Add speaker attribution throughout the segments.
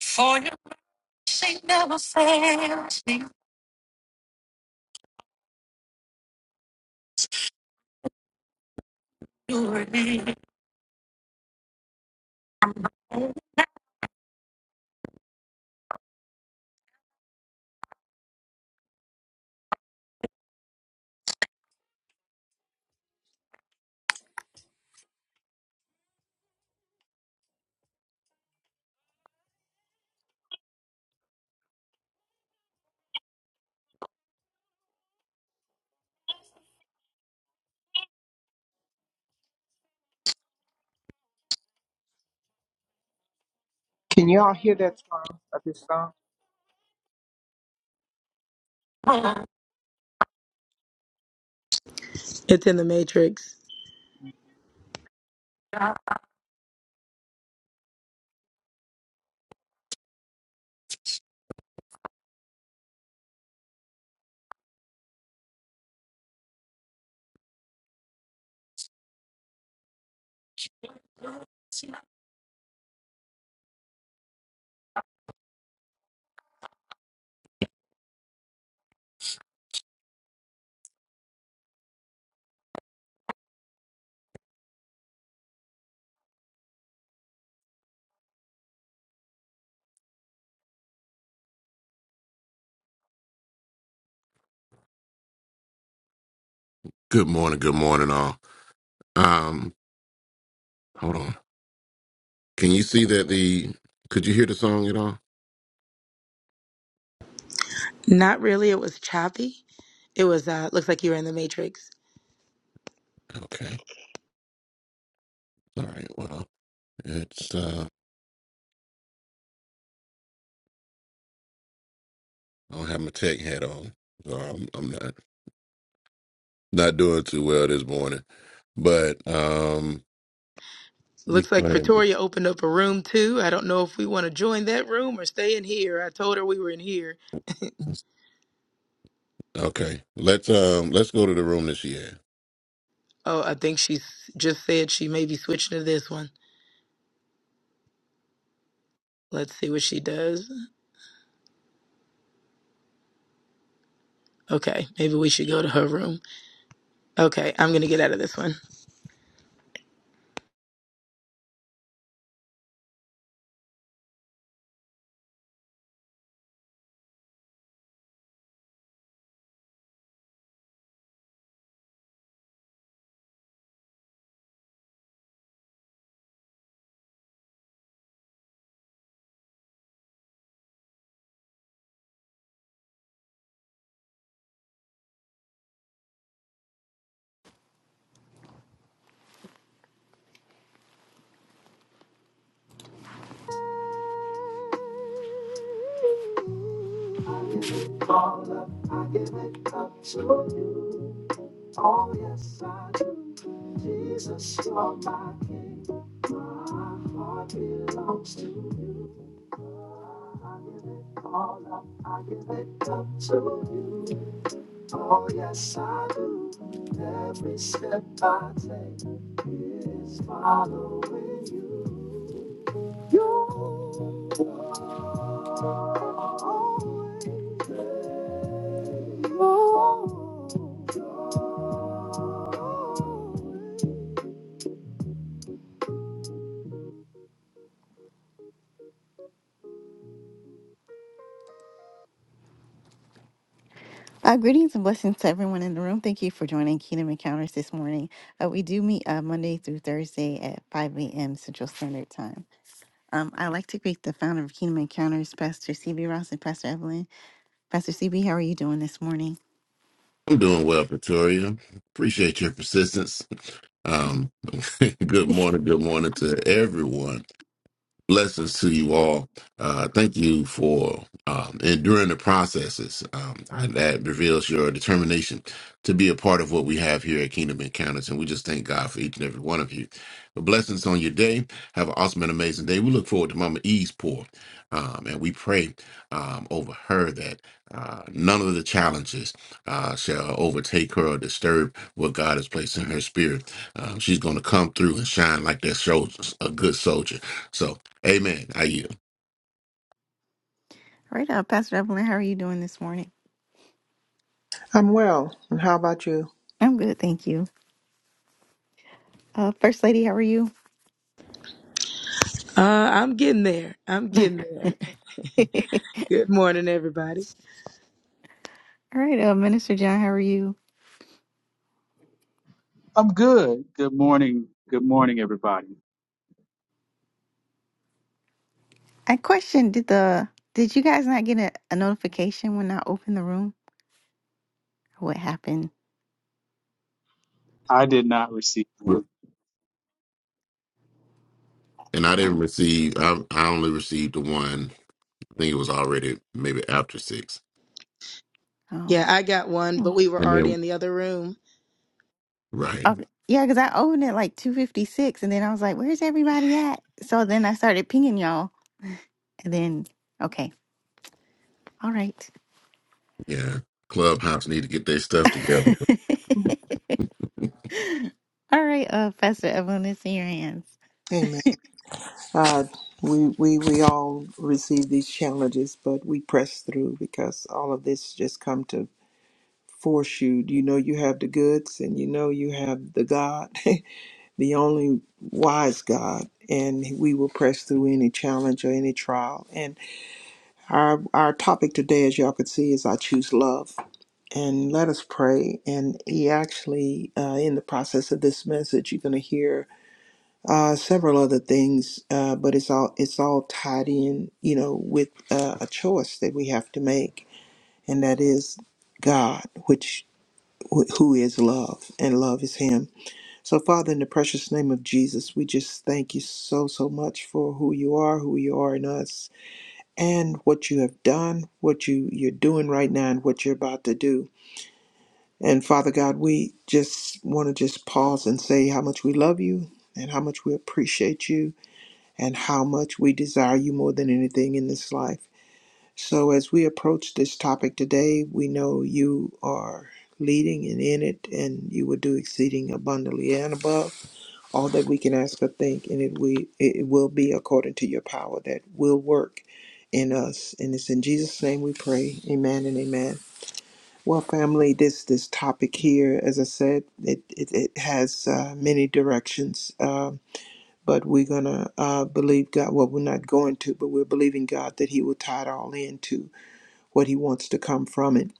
Speaker 1: For your mercy never fails me. You're able.
Speaker 2: Can y'all hear that song? Of this song?
Speaker 3: It's in the Matrix.
Speaker 1: Good morning, good morning, all. Um, hold on. Can you see that the? Could you hear the song at all?
Speaker 3: Not really. It was choppy. It was. Uh, looks like you were in the Matrix.
Speaker 1: Okay. All right. Well, it's. uh I don't have my tech hat on, so I'm, I'm not not doing too well this morning. But um, we.
Speaker 3: Looks
Speaker 1: Go
Speaker 3: like
Speaker 1: ahead.
Speaker 3: Pretoria opened up a room too. I don't know if we want to join that room or stay in here. I told her we were in here.
Speaker 1: Okay. Let's um. Let's go to the room that she had.
Speaker 3: Oh, I think she s- just said she may be switching to this one. Let's see what she does. Okay, maybe we should go to her room. Okay, I'm gonna get out of this one.
Speaker 4: I give it All up, I give it up to you. Oh, yes, I do. Jesus, you're my king. My heart belongs to you. I give it all up, I give it up to you. Oh, yes, I do. Every step I take is following you. You're always, you're, you're Uh, greetings and blessings to everyone in the room. Thank you for joining Kingdom Encounters this morning. Uh, we do meet uh, Monday through Thursday at 5 a.m. Central Standard Time. Um, I'd like to greet the founder of Kingdom Encounters, Pastor CB Ross and Pastor Evelyn. Pastor CB, how are you doing this morning?
Speaker 1: I'm doing well, Pretoria. Appreciate your persistence. Um, good morning. Good morning to everyone. Blessings to you all. Uh, thank you for um, enduring the processes. Um, and that reveals your determination to be a part of what we have here at Kingdom Encounters. And we just thank God for each and every one of you. But blessings on your day. Have an awesome and amazing day. We look forward to Mama E's pour. Um, and we pray um, over her that uh, none of the challenges uh, shall overtake her or disturb what God has placed in her spirit. Um, she's going to come through and shine like that sol- a good soldier. So Amen. I yield.
Speaker 4: All right, uh, Pastor Evelyn, how are you doing this morning?
Speaker 2: I'm well. And how about you?
Speaker 4: I'm good, thank you. Uh, First Lady, how are you?
Speaker 3: Uh, I'm getting there. I'm getting there.
Speaker 4: All
Speaker 3: Good morning, everybody.
Speaker 4: right, uh, Minister John, how are you?
Speaker 5: I'm good. Good morning. Good morning, everybody.
Speaker 4: I questioned did the did you guys not get a, a notification when I opened the room? What happened?
Speaker 5: I did not receive one.
Speaker 1: And I didn't
Speaker 4: Oh,
Speaker 1: receive. I I only received the one. I think it was already maybe after six.
Speaker 4: oh.
Speaker 3: Yeah, I got one, but we were
Speaker 1: And
Speaker 3: already
Speaker 1: then
Speaker 3: in the other room.
Speaker 1: right,
Speaker 4: Okay. Yeah, because I opened it like 256 and then I was like, where's everybody at? So then I started pinging y'all and then, okay, all right.
Speaker 1: yeah. Clubhouse need to get their stuff together.
Speaker 4: all right, uh, Pastor Evelyn, it's in your hands.
Speaker 2: Amen. Uh, we we we all receive these challenges, but we press through because all of this just come to force you. You know you have the goods, and you know you have the God, the only wise God, and we will press through any challenge or any trial. And our our topic today, as y'all can see, is I choose love. and let us pray. And he actually, uh, in the process of this message, you're going to hear uh, several other things, uh, but it's all it's all tied in, you know, with uh, a choice that we have to make, and that is God, which wh- who is love, and love is Him. So, Father, in the precious name of Jesus, we just thank you so so much for who you are, who you are in us, and what you have done, what you you're doing right now, and what you're about to do. And Father God, we just want to just pause and say how much we love you and how much we appreciate you and how much we desire you more than anything in this life. So as we approach this topic today, we know you are leading and in it and you will do exceeding abundantly and above all that we can ask or think and it we it will be according to your power that will work in us and it's in Jesus name we pray amen and amen well, family, this this topic here, as I said, it it, it has uh, many directions, Um but we're gonna uh, believe God. Well, we're not going to, but we're believing God that He will tie it all into what He wants to come from it.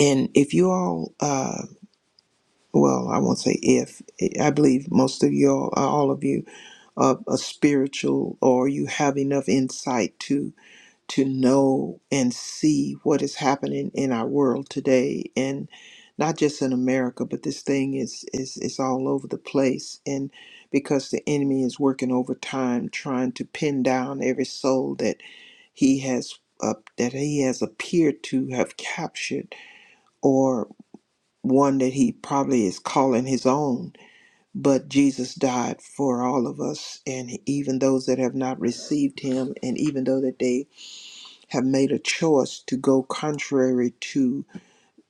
Speaker 2: And if you all, uh, well, I won't say if. I believe most of you all, all of you, are, are spiritual, or you have enough insight to to know and see what is happening in our world today and not just in America, but this thing is is is all over the place and because the enemy is working overtime trying to pin down every soul that he has uh, that he has appeared to have captured or one that he probably is calling his own but Jesus died for all of us and even those that have not received him and even though that they have made a choice to go contrary to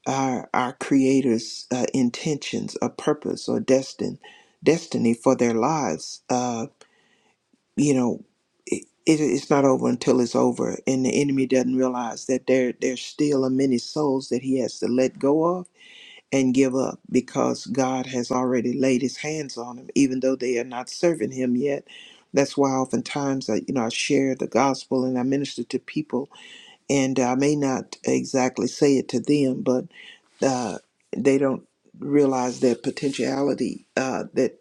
Speaker 2: our, our creator's uh, intentions or purpose or destin, destiny for their lives uh, you know it, it, it's not over until it's over and the enemy doesn't realize that there there's still a many souls that he has to let go of and give up because god has already laid his hands on them even though they are not serving him yet that's why oftentimes I, you know, I share the gospel and I minister to people and I may not exactly say it to them, but uh, they don't realize their potentiality uh, that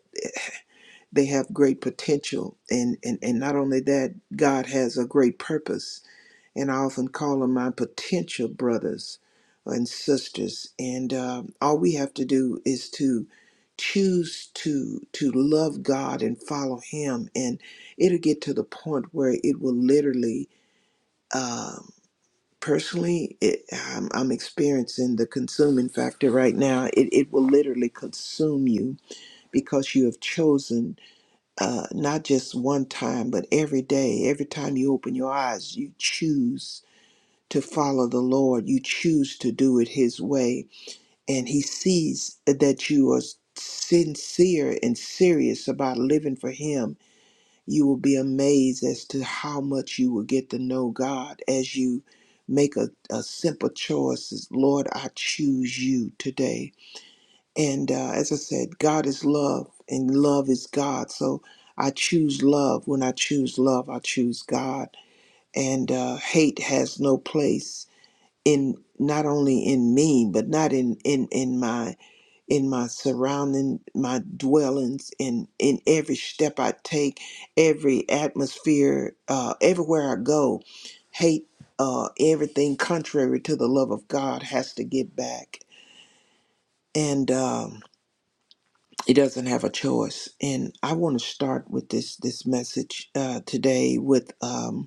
Speaker 2: they have great potential, and, and and not only that, God has a great purpose, and I often call them my potential brothers and sisters, and um, all we have to do is to choose to to love God and follow Him, and it'll get to the point where it will literally. um, personally, it, I'm, I'm experiencing the consuming factor right now. It, it will literally consume you because you have chosen uh, not just one time, but every day, every time you open your eyes, you choose to follow the Lord. You choose to do it His way. And He sees that you are sincere and serious about living for Him you will be amazed as to how much you will get to know God as you make a, a simple choice. is, Lord, I choose you today. And uh, as I said, God is love, and love is God. So I choose love. When I choose love, I choose God. And uh, hate has no place in not only in me, but not in in in my in my surrounding, my dwellings, in in every step I take, every atmosphere, uh, everywhere I go, hate, uh, everything contrary to the love of God has to get back, and um, it doesn't have a choice. And I want to start with this this message uh, today with. Um,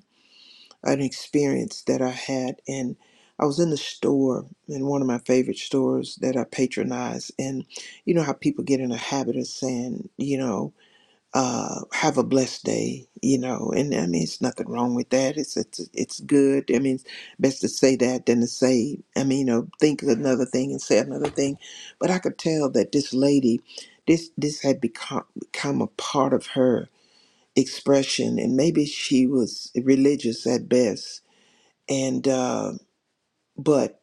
Speaker 2: an experience that I had, and I was in the store in one of my favorite stores that I patronize, and you know how people get in a habit of saying, you know, uh, have a blessed day, you know, and I mean, it's nothing wrong with that. It's it's it's good. I mean, it's best to say that than to say, I mean, you know, think of another thing and say another thing, but I could tell that this lady, this this had become become a part of her expression, and maybe she was religious at best and uh, but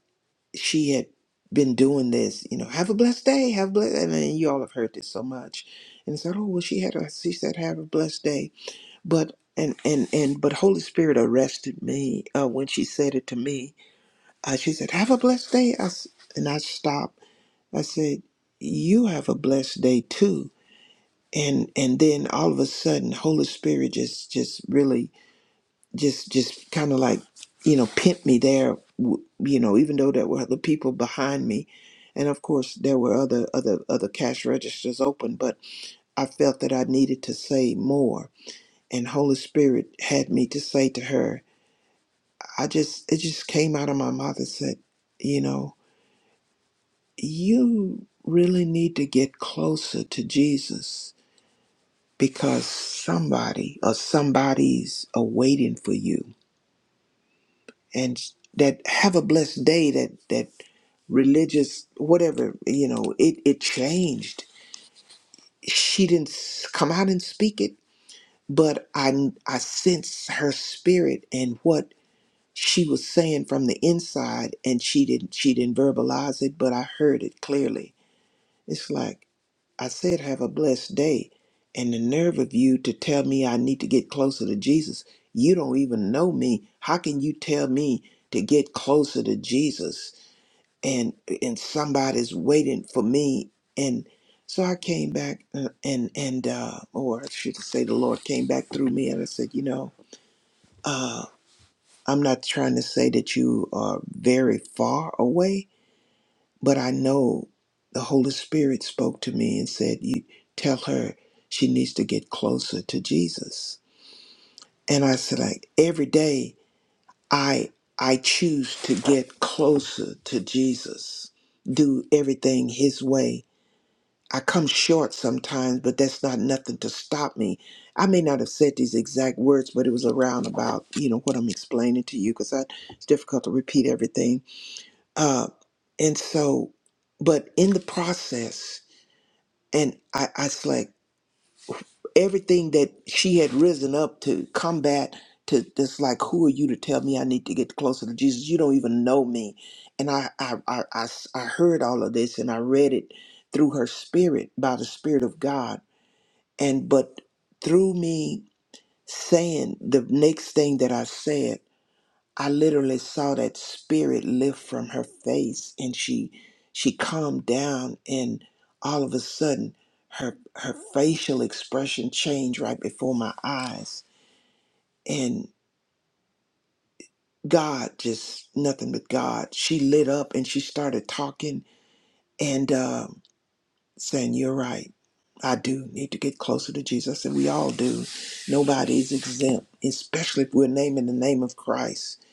Speaker 2: she had been doing this, you know, have a blessed day, have a blessed, and then you all have heard this so much, and said, oh well, she had a, she said, have a blessed day, but and and and but Holy Spirit arrested me uh, when she said it to me. Uh, she said, have a blessed day, I s and I stopped. I said, you have a blessed day too. And, and then all of a sudden holy spirit just just really just just kind of like you know pimp me there w- you know even though there were other people behind me and of course there were other other other cash registers open but i felt that i needed to say more and holy spirit had me to say to her i just it just came out of my mouth and said you know you really need to get closer to jesus because somebody or somebody's are waiting for you and that have a blessed day that that religious whatever you know it it changed she didn't s- come out and speak it but i i sense her spirit and what she was saying from the inside and she didn't she didn't verbalize it but i heard it clearly it's like i said have a blessed day and the nerve of you to tell me i need to get closer to jesus you don't even know me how can you tell me to get closer to jesus and and somebody's waiting for me and so i came back uh, and and uh or i should say the lord came back through me and i said you know uh i'm not trying to say that you are very far away but i know the holy spirit spoke to me and said you tell her she needs to get closer to jesus and i said like every day i i choose to get closer to jesus do everything his way I come short sometimes, but that's not nothing to stop me. I may not have said these exact words, but it was around about, you know, what I'm explaining to you because it's difficult to repeat everything. Uh, and so, but in the process, and I, I was like, everything that she had risen up to combat to this, like, who are you to tell me I need to get closer to Jesus? You don't even know me. And I, I, I, I, I heard all of this and I read it through her spirit by the spirit of God and but through me saying the next thing that I said, I literally saw that spirit lift from her face and she she calmed down and all of a sudden her her facial expression changed right before my eyes and God just nothing but God. She lit up and she started talking and um saying, You're right. I do need to get closer to Jesus. And we all do. Nobody is exempt, especially if we're naming the name of Christ.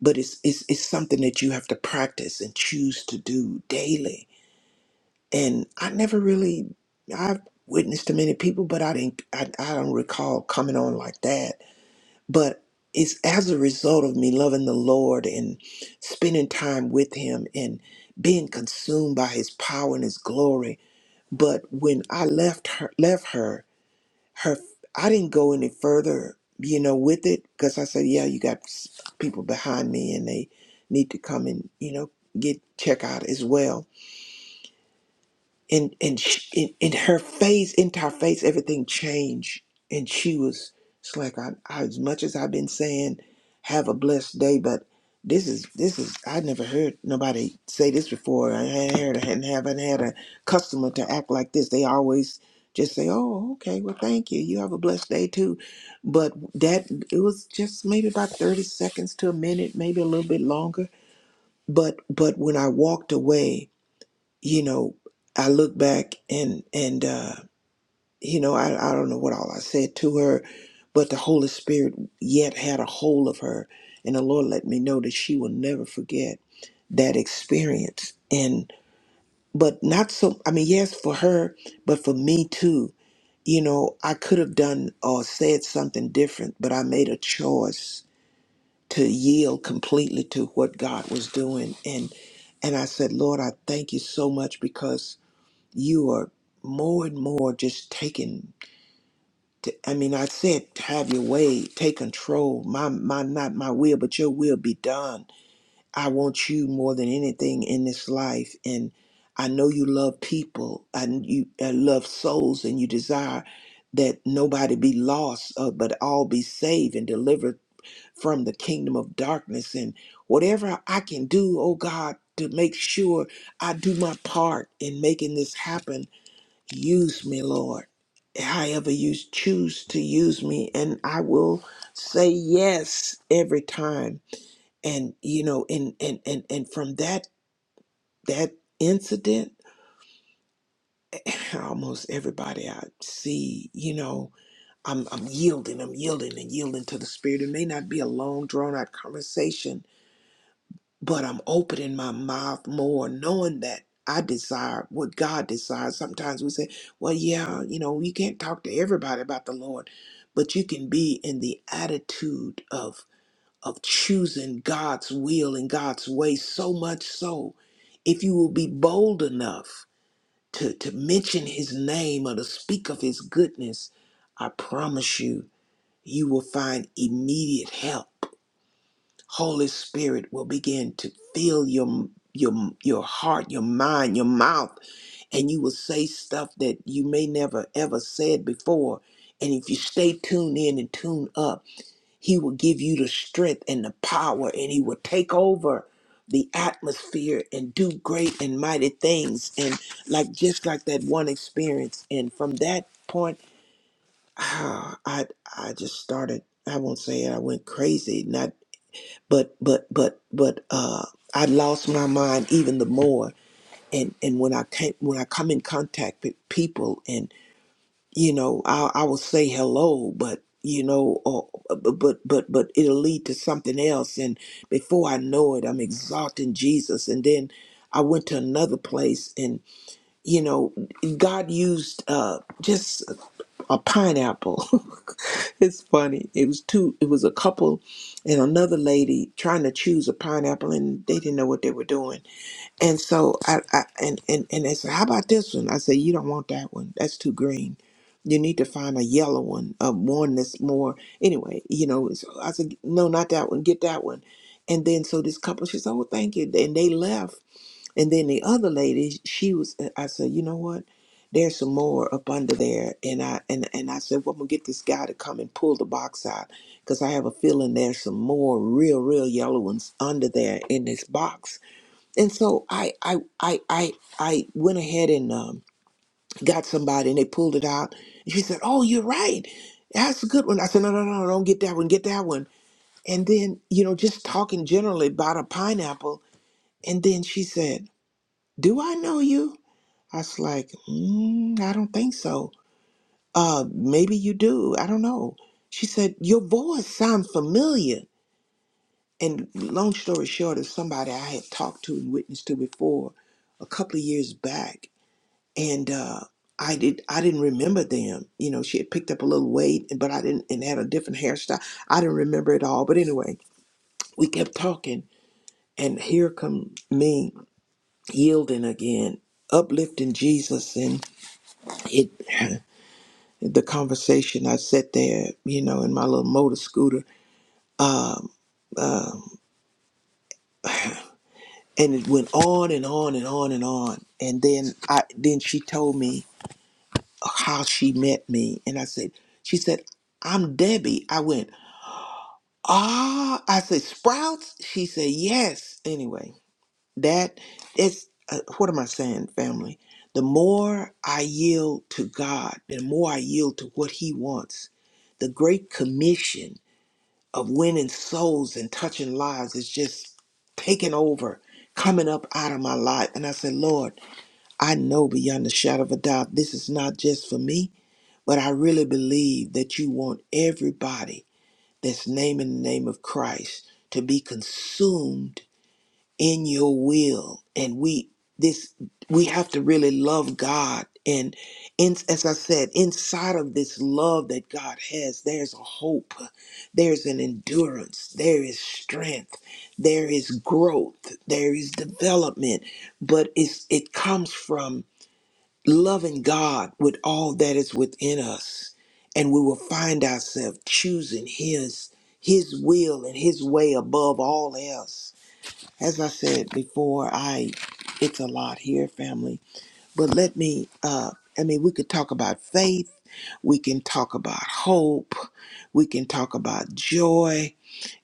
Speaker 2: But it's, it's, it's something that you have to practice and choose to do daily. And I never really, I've witnessed to many people, but I didn't, I, I don't recall coming on like that. But it's as a result of me loving the Lord and spending time with Him and being consumed by His power and His glory but when I left her, left her, her, I didn't go any further, you know, with it because I said, yeah, you got s- people behind me and they need to come and, you know, get check out as well and and sh in, in her face, into her face, everything changed. And she was, it's like I, I, as much as I've been saying, have a blessed day, but this is this is I never heard nobody say this before. I hadn't heard, I hadn't haven't had a customer to act like this. They always just say, "Oh, okay, well, thank you. You have a blessed day too." But that it was just maybe about thirty seconds to a minute, maybe a little bit longer. But but when I walked away, you know, I look back and and uh, you know, I, I don't know what all I said to her, but the Holy Spirit yet had a hold of her, and the Lord let me know that she will never forget that experience. And but not so. I mean, yes, for her, but for me too. You know, I could have done or said something different, but I made a choice to yield completely to what God was doing, and and I said, Lord, I thank you so much because you are more and more just taking to, i mean i said have your way take control my my not my will but your will be done i want you more than anything in this life and i know you love people and you uh, love souls and you desire that nobody be lost uh, but all be saved and delivered from the kingdom of darkness and whatever i can do oh god to make sure i do my part in making this happen Use me, Lord, however you choose to use me. And I will say yes every time. And, you know, and, and, and, and from that, that incident, almost everybody I see, you know, I'm, I'm yielding, I'm yielding and yielding to the Spirit. It may not be a long, drawn out conversation, but I'm opening my mouth more, knowing that I desire what God desires. Sometimes we say, well, yeah, you know, you can't talk to everybody about the Lord, but you can be in the attitude of of choosing God's will and God's way so much so if you will be bold enough to, to mention his name or to speak of his goodness, I promise you, you will find immediate help Holy Spirit will begin to fill your your your heart, your mind, your mouth, and you will say stuff that you may never ever said before. And if you stay tuned in and tuned up, he will give you the strength and the power and he will take over the atmosphere and do great and mighty things and like just like that one experience and from that point ah, I I just started I won't say it I went crazy not but but but but uh I lost my mind even the more and and when I came when I come in contact with people and you know I I will say hello but you know or but but but it'll lead to something else and before I know it I'm exalting Jesus and then I went to another place and you know God used uh just a pineapple. it's funny. It was two. It was a couple and another lady trying to choose a pineapple, and they didn't know what they were doing. And so I, I and and and they said, "How about this one?" I said, "You don't want that one. That's too green. You need to find a yellow one, a one that's more." Anyway, you know. So I said, "No, not that one. Get that one." And then so this couple, she said, "Oh, thank you," and they left and then the other lady, she was. uh, I said, you know what? There's some more up under there, and I and and I said, well, I'm gonna get this guy to come and pull the box out, cause I have a feeling there's some more real, real yellow ones under there in this box. And so I I I I I went ahead and um, got somebody, and they pulled it out. And she said, oh, you're right. That's a good one. I said, no, no, no, no, don't get that one. Get that one. And then you know, just talking generally about a pineapple, and then she said, do I know you? I was like, mm, I don't think so. Uh, maybe you do. I don't know. She said, Your voice sounds familiar. And long story short, is somebody I had talked to and witnessed to before a couple of years back. And uh, I did I didn't remember them. You know, she had picked up a little weight but I didn't and had a different hairstyle. I didn't remember it all. But anyway, we kept talking and here come me yielding again, uplifting Jesus and it the conversation. I sat there, you know, in my little motor scooter, um, um, and it went on and on and on and on. And then I then she told me how she met me, and I said, she said, "I'm Debbie." I went, "Ah," I said, "Sprouts." She said, "Yes." Anyway, that is uh, what am I saying, family? The more I yield to God, the more I yield to what He wants. The Great Commission of winning souls and touching lives is just taking over, coming up out of my life. And I said, Lord, I know beyond a shadow of a doubt, this is not just for me, but I really believe that you want everybody that's naming the name of Christ to be consumed in your will and we this we have to really love god and in, as i said inside of this love that god has there's a hope there's an endurance there is strength there is growth there is development but it's it comes from loving god with all that is within us and we will find ourselves choosing his his will and his way above all else as I said before, I it's a lot here, family. But let me uh I mean we could talk about faith, we can talk about hope, we can talk about joy.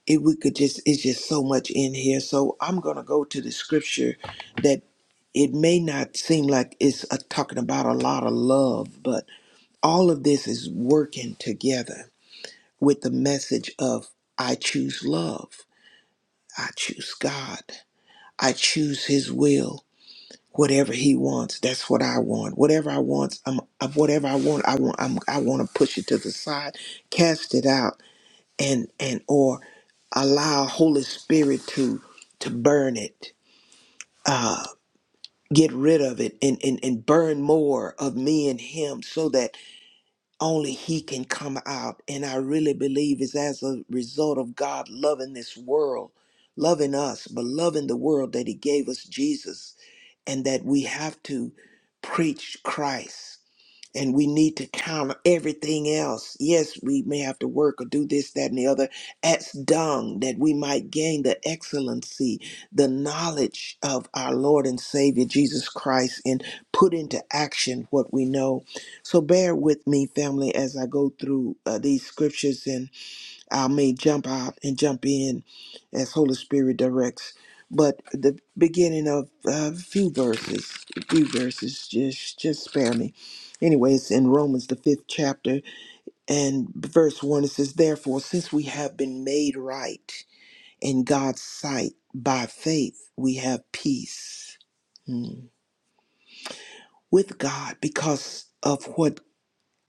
Speaker 2: It we could just it's just so much in here. So I'm gonna go to the scripture that it may not seem like it's uh talking about a lot of love, but all of this is working together with the message of I choose love. I choose God. I choose His will. whatever he wants that's what i want whatever i want i'm of whatever i want i want I'm, i want to push it to the side cast it out and and or allow holy spirit to to burn it uh get rid of it and, and and burn more of me and him so that only he can come out and i really believe is as a result of god loving this world loving us but loving the world that he gave us jesus and that we have to preach Christ and we need to counter everything else. Yes, we may have to work or do this, that, and the other as dung that we might gain the excellency, the knowledge of our Lord and Savior Jesus Christ and put into action what we know. So bear with me, family, as I go through uh, these scriptures and. I may jump out and jump in as Holy Spirit directs. But the beginning of a few verses, a few verses, just just spare me. Anyways, in Romans the fifth chapter and verse one, it says, "Therefore, since we have been made right in God's sight by faith, we have peace hmm, with God because of what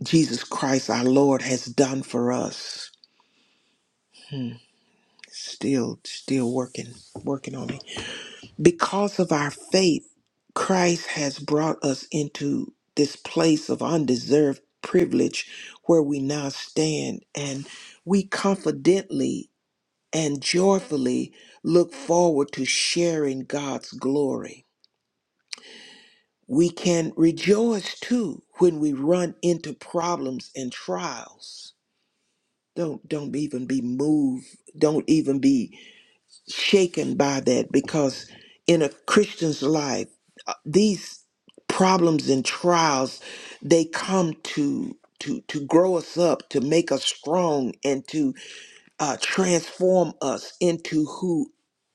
Speaker 2: Jesus Christ, our Lord, has done for us." Hmm. Still, still working, working on me. Because of our faith, Christ has brought us into this place of undeserved privilege where we now stand and we confidently and joyfully look forward to sharing God's glory. We can rejoice too when we run into problems and trials. Don't don't even be moved. Don't even be shaken by that because in a Christian's life, uh, these problems and trials they come to to to grow us up, to make us strong, and to uh, transform us into who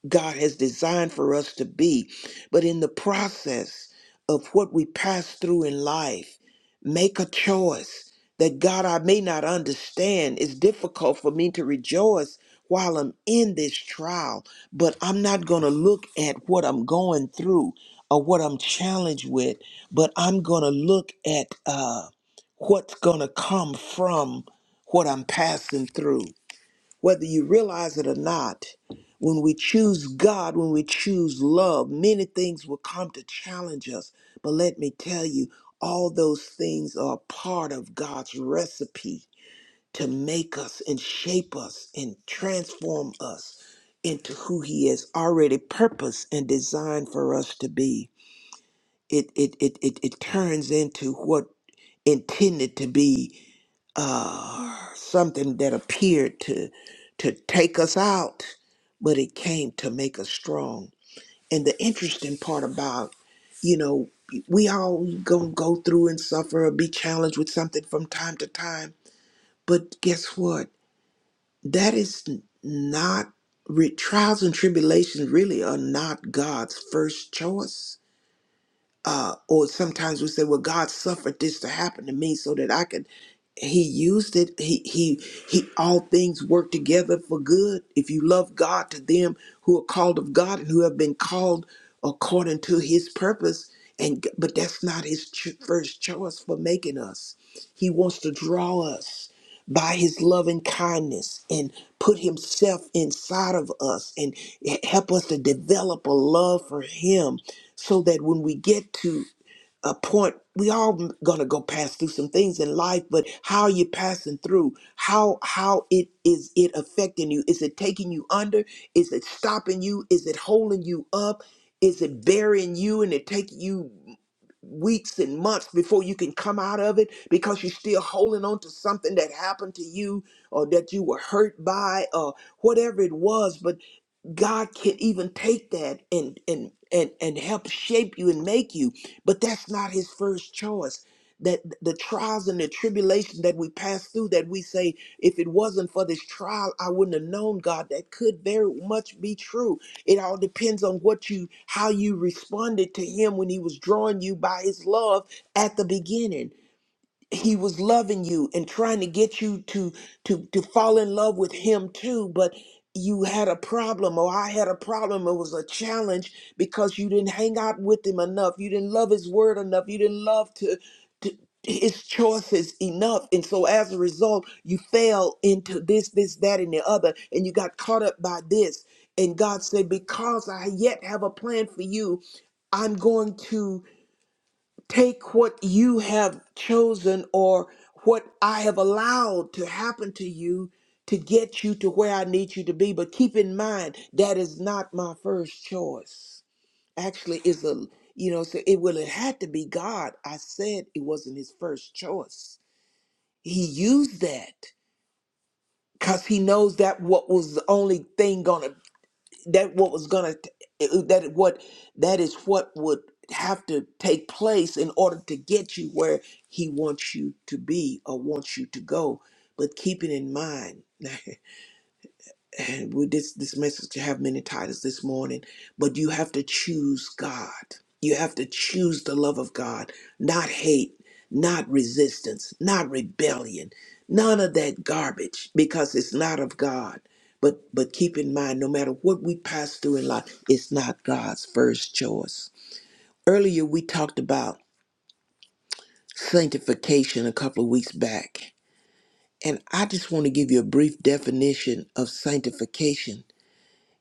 Speaker 2: God has designed for us to be. But in the process of what we pass through in life, make a choice that God, I may not understand. It's difficult for me to rejoice while I'm in this trial, but I'm not going to look at what I'm going through or what I'm challenged with, but I'm going to look at uh, what's going to come from what I'm passing through whether you realize it or not, when we choose God, when we choose love, many things will come to challenge us. But let me tell you, all those things are part of God's recipe to make us and shape us and transform us into who He has already purposed and designed for us to be it it it it, it turns into what intended to be uh, something that appeared to to take us out, but it came to make us strong. And the interesting part about you know we all gonna go through and suffer or be challenged with something from time to time, but guess what? That is n- not re- trials and tribulations really are not God's first choice uh, or sometimes we say, "Well, God suffered this to happen to me so that I could." He used it. He he he. All things work together for good if you love God. To them who are called of God and who have been called according to His purpose, and g- but that's not His ch- first choice for making us. He wants to draw us by his loving kindness and put himself inside of us and help us to develop a love for him so that when we get to a point we all gonna go pass through some things in life but how are you passing through how how it is it affecting you is it taking you under is it stopping you is it holding you up is it burying you and it taking you weeks and months before you can come out of it because you're still holding on to something that happened to you or that you were hurt by or whatever it was. But God can even take that and and and and help shape you and make you, but that's not his first choice. That the trials and the tribulation that we pass through, that we say, if it wasn't for this trial, I wouldn't have known God. That could very much be true. It all depends on what you, how you responded to Him when He was drawing you by His love at the beginning he was loving you and trying to get you to to to fall in love with him too but you had a problem or i had a problem it was a challenge because you didn't hang out with him enough you didn't love his word enough you didn't love to, to his choices enough and so as a result you fell into this this that and the other and you got caught up by this and god said because i yet have a plan for you i'm going to Take what you have chosen or what I have allowed to happen to you to get you to where I need you to be. But keep in mind, that is not my first choice. Actually, it's a, you know, so it well, it had to be God. I said it wasn't his first choice. He used that because he knows that what was the only thing gonna that what was gonna that what that is what would have to take place in order to get you where he wants you to be or wants you to go but keep it in mind and with this this message to have many titles this morning but you have to choose god you have to choose the love of god not hate not resistance not rebellion none of that garbage because it's not of god but but keep in mind no matter what we pass through in life it's not god's first choice earlier we talked about sanctification a couple of weeks back and i just want to give you a brief definition of sanctification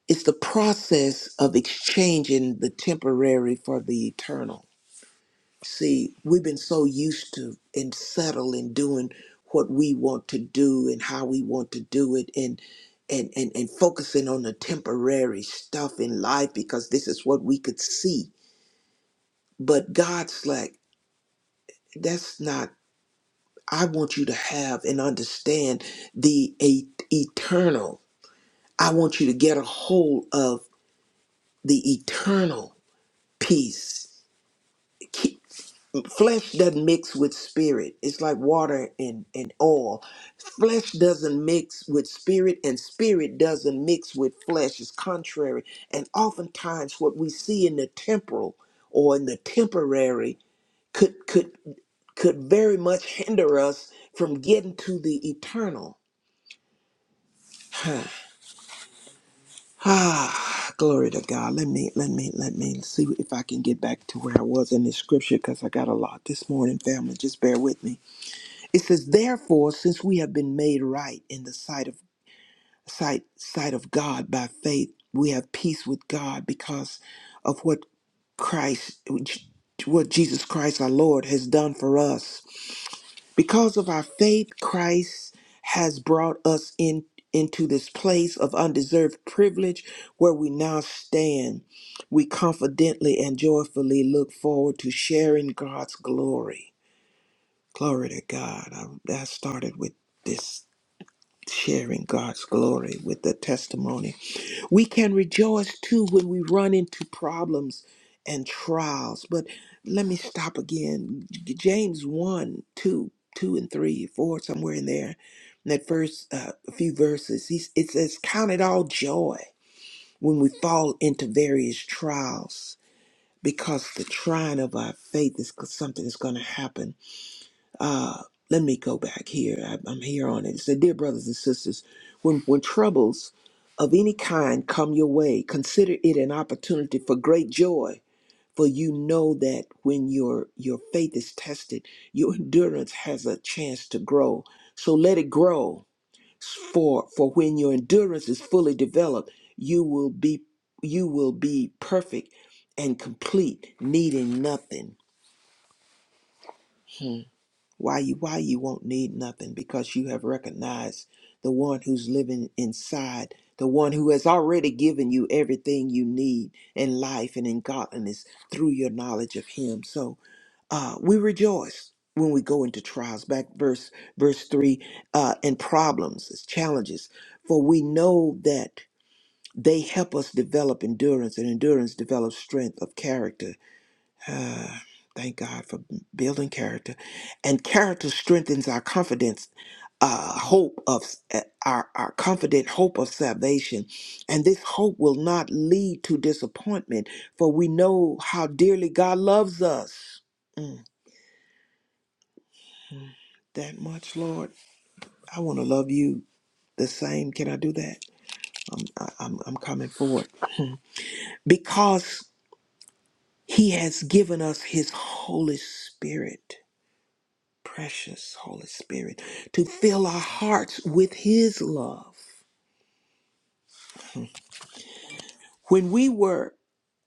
Speaker 2: It's the process of exchanging the temporary for the eternal. See, we've been so used to and settled in doing what we want to do and how we want to do it and and and, and focusing on the temporary stuff in life because this is what we could see. But God's like, that's not I want you to have and understand the e- eternal. I want you to get a hold of the eternal peace flesh doesn't mix with spirit it's like water and, and oil flesh doesn't mix with spirit and spirit doesn't mix with flesh it's contrary and oftentimes what we see in the temporal or in the temporary could could could very much hinder us from getting to the eternal Huh. ah glory to god let me let me let me see if i can get back to where i was in this scripture because i got a lot this morning family just bear with me It says, Therefore, since we have been made right in the sight of sight sight of God by faith, we have peace with God because of what Christ what Jesus Christ our Lord has done for us. Because of our faith, Christ has brought us in into this place of undeserved privilege where we now stand. We confidently and joyfully look forward to sharing God's glory. Glory to God. I, I started with this sharing God's glory with the testimony. We can rejoice too when we run into problems and trials. But let me stop again. J- James one, 2, 2 and 3, 4, somewhere in there. In that first uh, few verses, he's, it says, Count it all joy when we fall into various trials because the trying of our faith is something that's going to happen uh, let me go back here. I, I'm here on it. It said, Dear brothers and sisters, when, when troubles of any kind come your way, consider it an opportunity for great joy. For you know that when your your faith is tested, your endurance has a chance to grow. So let it grow. For for when your endurance is fully developed, you will be you will be perfect and complete, needing nothing. Hmm. Why you why you won't need nothing because you have recognized the one who's living inside, the one who has already given you everything you need in life and in godliness through your knowledge of him. So uh we rejoice when we go into trials back verse verse 3 uh and problems as challenges for we know that they help us develop endurance and endurance develops strength of character uh, thank God for building character. And character strengthens our confidence, uh, hope of uh, our, our confident hope of salvation. And this hope will not lead to disappointment, for we know how dearly God loves us. Mm, that much, Lord. I want to love you the same. Can I do that? I'm, I- I'm, I'm coming forward. Because he has given us his Holy Spirit. precious Holy Spirit, to fill our hearts with His love. When we were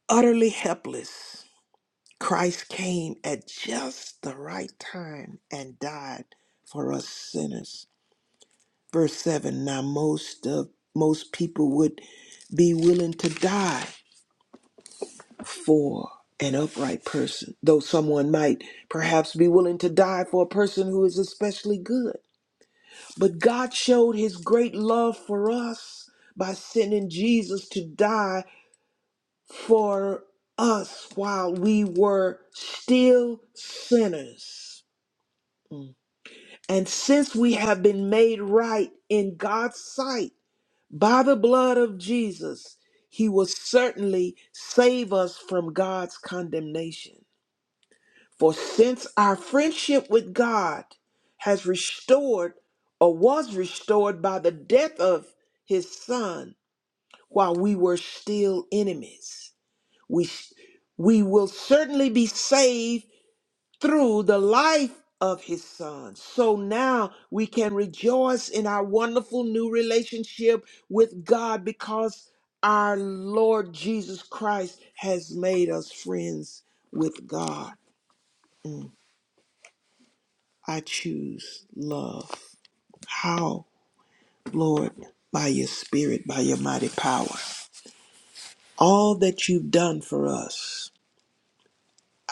Speaker 2: utterly helpless, Christ came at just the right time and died for us sinners. Verse 7 Now, most of most people would be willing to die for an upright person, though someone might perhaps be willing to die for a person who is especially good. But God showed his great love for us by sending Jesus to die for us while we were still sinners. Mm. And since we have been made right in God's sight by the blood of Jesus, he will certainly save us from God's condemnation. For since our friendship with God has restored or was restored by the death of his son while we were still enemies, we, we will certainly be saved through the life of his son. So now we can rejoice in our wonderful new relationship with God because our Lord Jesus Christ has made us friends with God. I choose love. How, Lord? By your spirit, by your mighty power. All that you've done for us,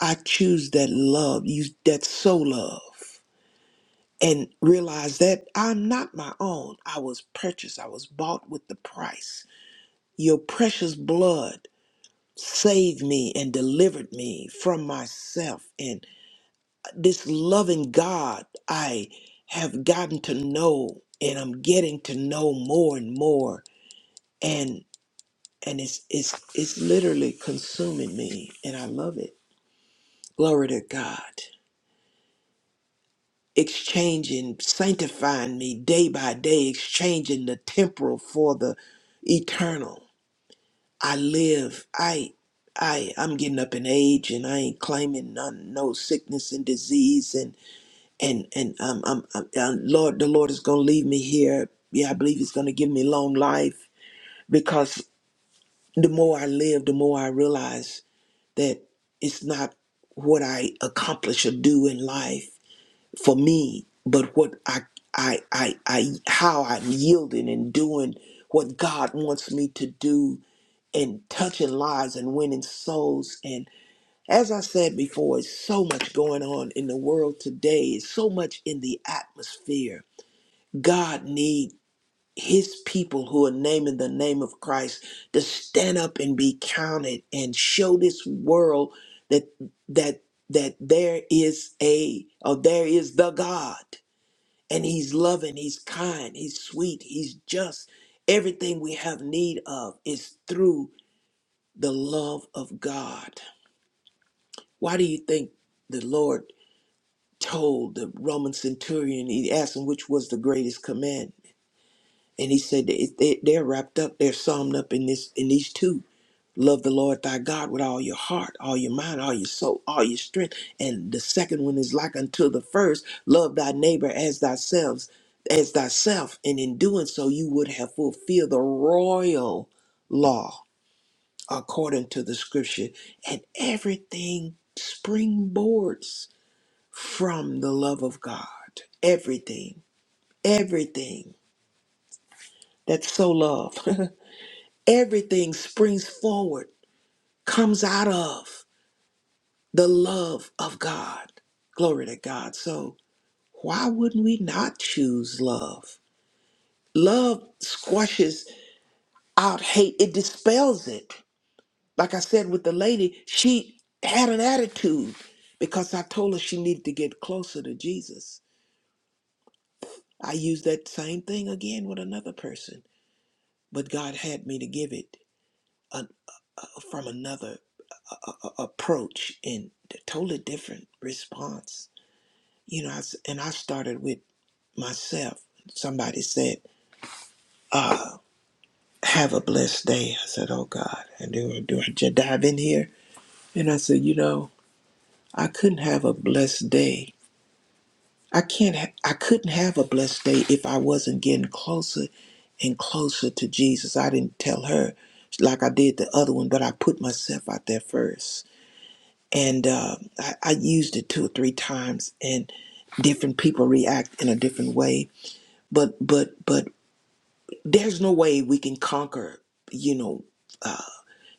Speaker 2: I choose that love, you that soul love. And realize that I'm not my own. I was purchased. I was bought with the price. Your precious blood saved me and delivered me from myself. and. this loving God I have gotten to know and I'm getting to know more and more and and it's it's it's literally consuming me and I love it. Glory to God. Exchanging, sanctifying me day by day, exchanging the temporal for the eternal. I live, I I I'm getting up in age and I ain't claiming none no sickness and disease and. and and um, I'm, I'm, i Lord, the Lord is gonna leave me here. Yeah, I believe He's gonna give me long life because the more I live, the more I realize that it's not what I accomplish or do in life for me, but what I I I, I how I'm yielding and doing what God wants me to do and touching lives and winning souls and as I said before, it's so much going on in the world today. It's so much in the atmosphere God need his people who are naming the name of Christ to stand up and be counted and show this world that that that there is a or there is the God and he's loving, he's kind, he's sweet, he's just. Everything we have need of is through the love of God. Why do you think the Lord told the Roman centurion, he asked him which was the greatest command? And he said that it- they, they're wrapped up, they're summed up in this in these two. Love the Lord thy God with all your heart, all your mind, all your soul, all your strength. And the second one is like unto the first, love thy neighbor as thyself, as thyself. And in doing so, you would have fulfilled the royal law according to the scripture. And everything springboards from the love of God. Everything. Everything. That's so love. Everything springs forward, comes out of the love of God. Glory to God. So, why wouldn't we not choose love? Love squashes out hate, it dispels it. Like I said with the lady, she had an attitude because I told her she needed to get closer to Jesus. I used that same thing again with another person, but God had me to give it uh, from another a, a- approach and a totally different response. You know, I s and I started with myself. Somebody said, uh, "Have a blessed day." I said, "Oh God, and do I- do I just dive in here?" And I said, "You know, I couldn't have a blessed day. I can't. Ha- I couldn't have a blessed day if I wasn't getting closer and closer to Jesus. I didn't tell her like I did the other one, but I put myself out there first. and uh, I, I used it two or three times, and different people react in a different way. But but but there's no way we can conquer, you know, uh,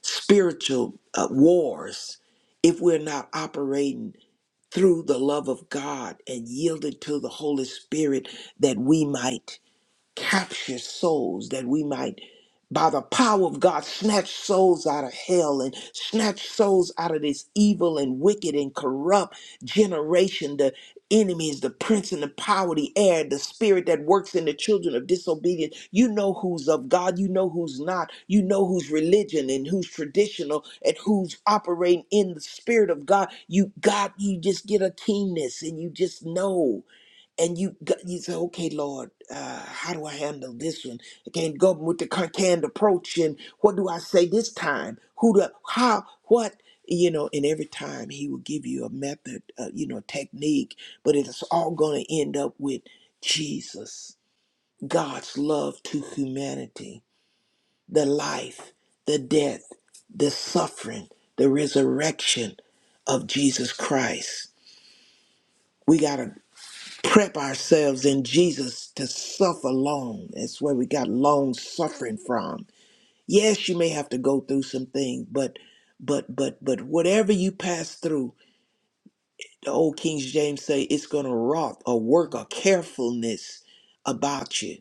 Speaker 2: spiritual uh, wars if we're not operating through the love of God and yielded to the Holy Spirit that we might capture souls that we might by the power of God snatch souls out of hell and snatch souls out of this evil and wicked and corrupt generation the enemy is the prince and the power of the air the spirit that works in the children of disobedience you know who's of God you know who's not you know who's religion and who's traditional and who's operating in the spirit of God you got you just get a keenness and you just know and you go- you say, okay, Lord, uh, how do I handle this one? I can't go with the con- canned approach, and what do I say this time? Who the how what you know? And every time He will give you a method, uh, you know, technique, but it's all going to end up with Jesus, God's love to humanity, the life, the death, the suffering, the resurrection of Jesus Christ. We gotta prep ourselves in Jesus to suffer long. That's where we got long suffering from. Yes, you may have to go through some things, but but but but whatever you pass through, the old King James say it's gonna wrought or work a carefulness about you.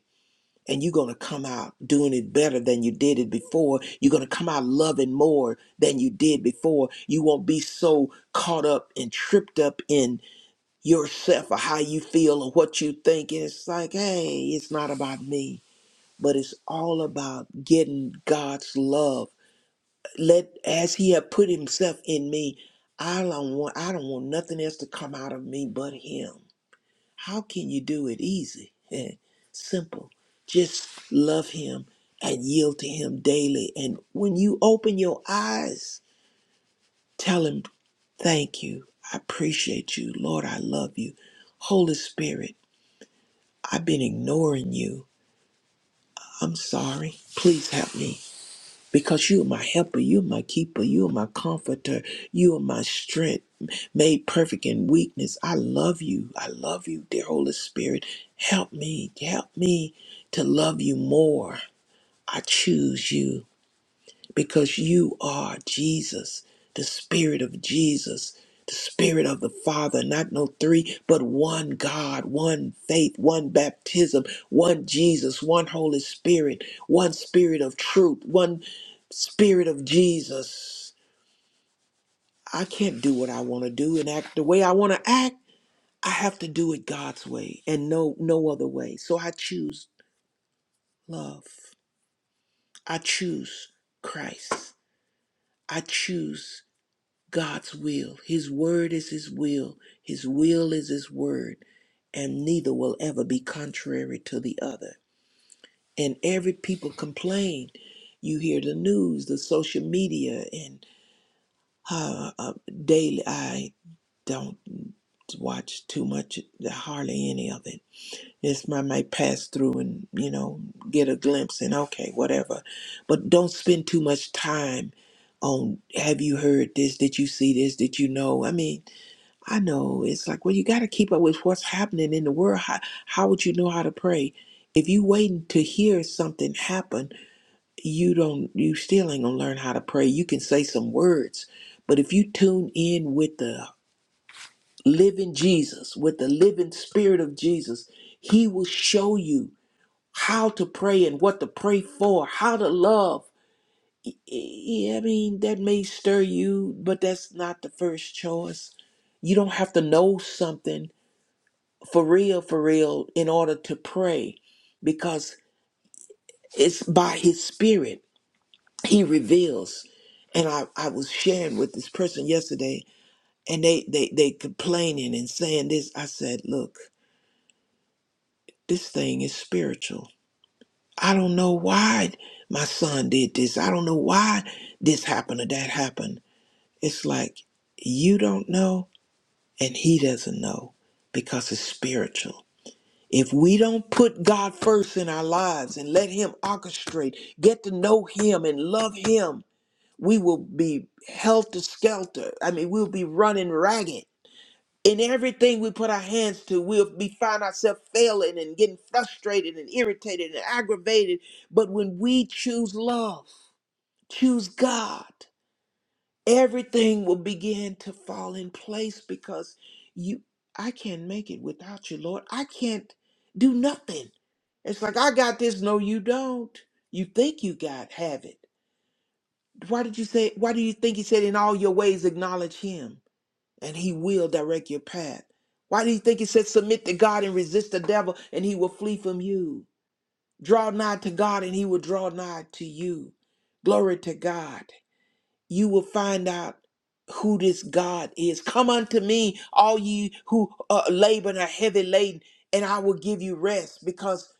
Speaker 2: And you're gonna come out doing it better than you did it before. You're gonna come out loving more than you did before. You won't be so caught up and tripped up yourself or how you feel or what you think. And it's like, hey, it's not about me, but it's all about getting God's love. Let as He have put Himself in me, I don't want I don't want nothing else to come out of me but Him. How can you do it easy? Eh, Simple. Just love Him and yield to Him daily. And when you open your eyes, tell Him, thank you. I appreciate you. Lord, I love you. Holy Spirit. I've been ignoring you. I'm sorry. Please help me. Because you are my helper, you are my keeper, you are my comforter, you are my strength, made perfect in weakness. I love you. I love you, dear Holy Spirit. Help me. Help me to love you more. I choose you because you are Jesus, the Spirit of Jesus, the Spirit of the Father, not no three, but one God, one faith, one baptism, one Jesus, one Holy Spirit, one Spirit of truth, one Spirit of Jesus. I can't do what I want to do and act the way I want to act. I have to do it God's way and no no other way. So I choose love. I choose Christ. I choose God's will. His word is His will. His will is His word. And neither will ever be contrary to the other. And every people complain. You hear the news, the social media, and uh, uh, daily. I don't watch too much, hardly any of it. It's my might pass through and you know get a glimpse and okay, whatever. But don't spend too much time on. Have you heard this? Did you see this? Did you know? I mean, I know it's like, well, you got to keep up with what's happening in the world. How, how would you know how to pray? If you waiting to hear something happen, you don't, you still ain't gonna learn how to pray. You can say some words, but if you tune in with the living Jesus, with the living Spirit of Jesus, He will show you how to pray and what to pray for, how to love. Y- y- I mean, that may stir you, but that's not the first choice. You don't have to know something for real, for real, in order to pray because it's by his spirit he reveals. And I, I was sharing with this person yesterday and they, they, they complaining and saying this. I said, look, this thing is spiritual. I don't know why my son did this. I don't know why this happened or that happened. It's like you don't know and he doesn't know because it's spiritual. If we don't put God first in our lives and let Him orchestrate, get to know Him and love Him, we will be helter skelter. I mean, we'll be running ragged. In everything we put our hands to, we'll be find ourselves failing and getting frustrated and irritated and aggravated. But when we choose love, choose God, everything will begin to fall in place because you I can't make it without you, Lord. I can't do nothing. It's like I got this. No, you don't. You think you got have it. Why did you say why do you think he said in all your ways acknowledge him and he will direct your path? Why do you think he said submit to God and resist the devil and he will flee from you? Draw nigh to God and he will draw nigh to you. Glory to God you will find out who this God is. Come unto me, all ye who uh, labor and are heavy laden, and I will give you rest. Because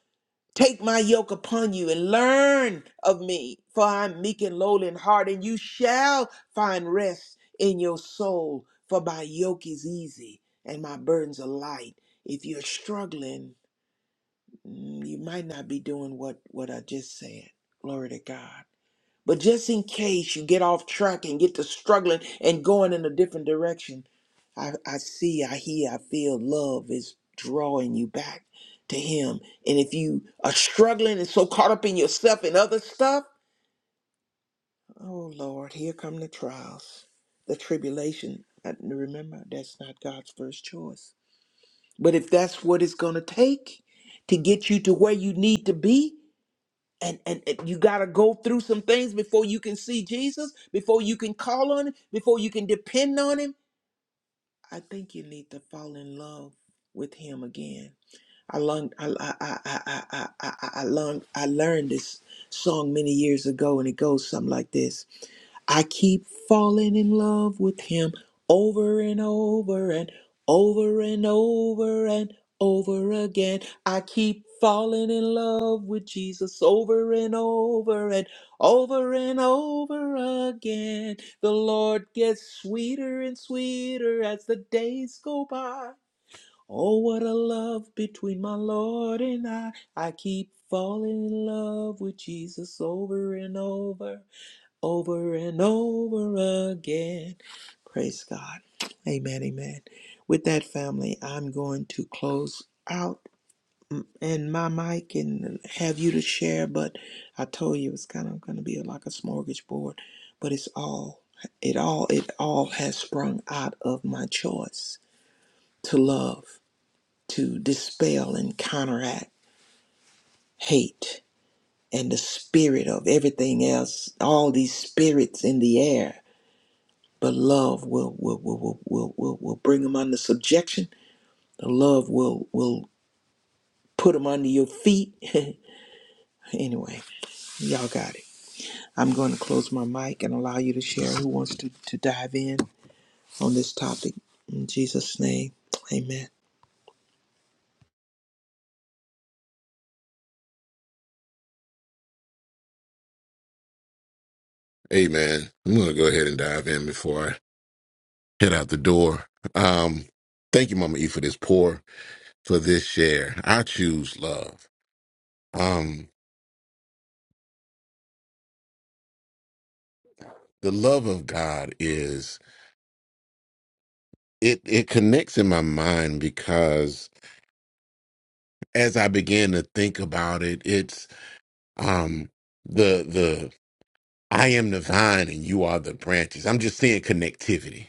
Speaker 2: take my yoke upon you and learn of me, for I am meek and lowly in heart, and you shall find rest in your soul. For my yoke is easy and my burdens are light. If you're struggling, mm, you might not be doing what what I just said. Glory to God. But just in case you get off track and get to struggling and going in a different direction, I, I see, I hear, I feel love is drawing you back to Him. And if you are struggling and so caught up in yourself and other stuff, oh Lord, here come the trials, the tribulation. I- Remember, that's not God's first choice. But if that's what it's going to take to get you to where you need to be, and, and and you got to go through some things before you can see Jesus, before you can call on him, before you can depend on him. I think you need to fall in love with him again. I learned I I I I I, I, I I learned I learned this song many years ago, and it goes something like this. I keep falling in love with him over and over and over and over and over again. I keep falling in love with Jesus over and over and over and over again. The Lord gets sweeter and sweeter as the days go by. Oh, what a love between my Lord and I. I keep falling in love with Jesus over and over over and over again. Praise God. Amen. Amen. With that, family, I'm going to close out mm, and my mic and have you to share. But I told you it's kind of going to be like a smorgasbord, but it's all, it all, it all has sprung out of my choice to love, to dispel and counteract hate and the spirit of everything else, all these spirits in the air but love will will will will will, will, will bring them under subjection. The love will will put them under your feet. anyway, y'all got it. I'm going to close my mic and allow you to share who wants to, to dive in on this topic. In Jesus' name, amen.
Speaker 1: Amen. I'm gonna go ahead and dive in before I head out the door. Um, thank you, Mama E, for this pour, for this share. I choose love. Um, the love of God is it. It connects in my mind because as I began to think about it, it's um the the I am the vine and you are the branches. I'm just seeing connectivity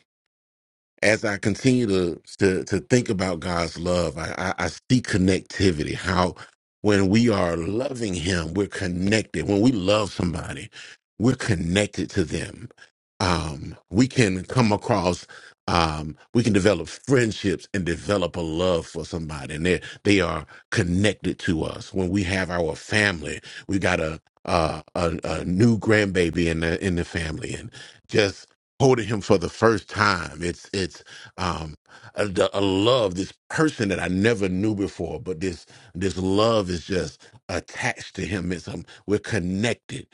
Speaker 1: as I continue to to to think about God's love, I, I, I see connectivity. How when we are loving Him, we're connected. When we love somebody, we're connected to them. Um, we can come across. Um, we can develop friendships and develop a love for somebody, and they they are connected to us. When we have our family, we got a a, a, a new grandbaby in the in the family, and just holding him for the first time. It's it's um a, the- a love, this person that I never knew before, but this this love is just attached to him. It's um, we're connected.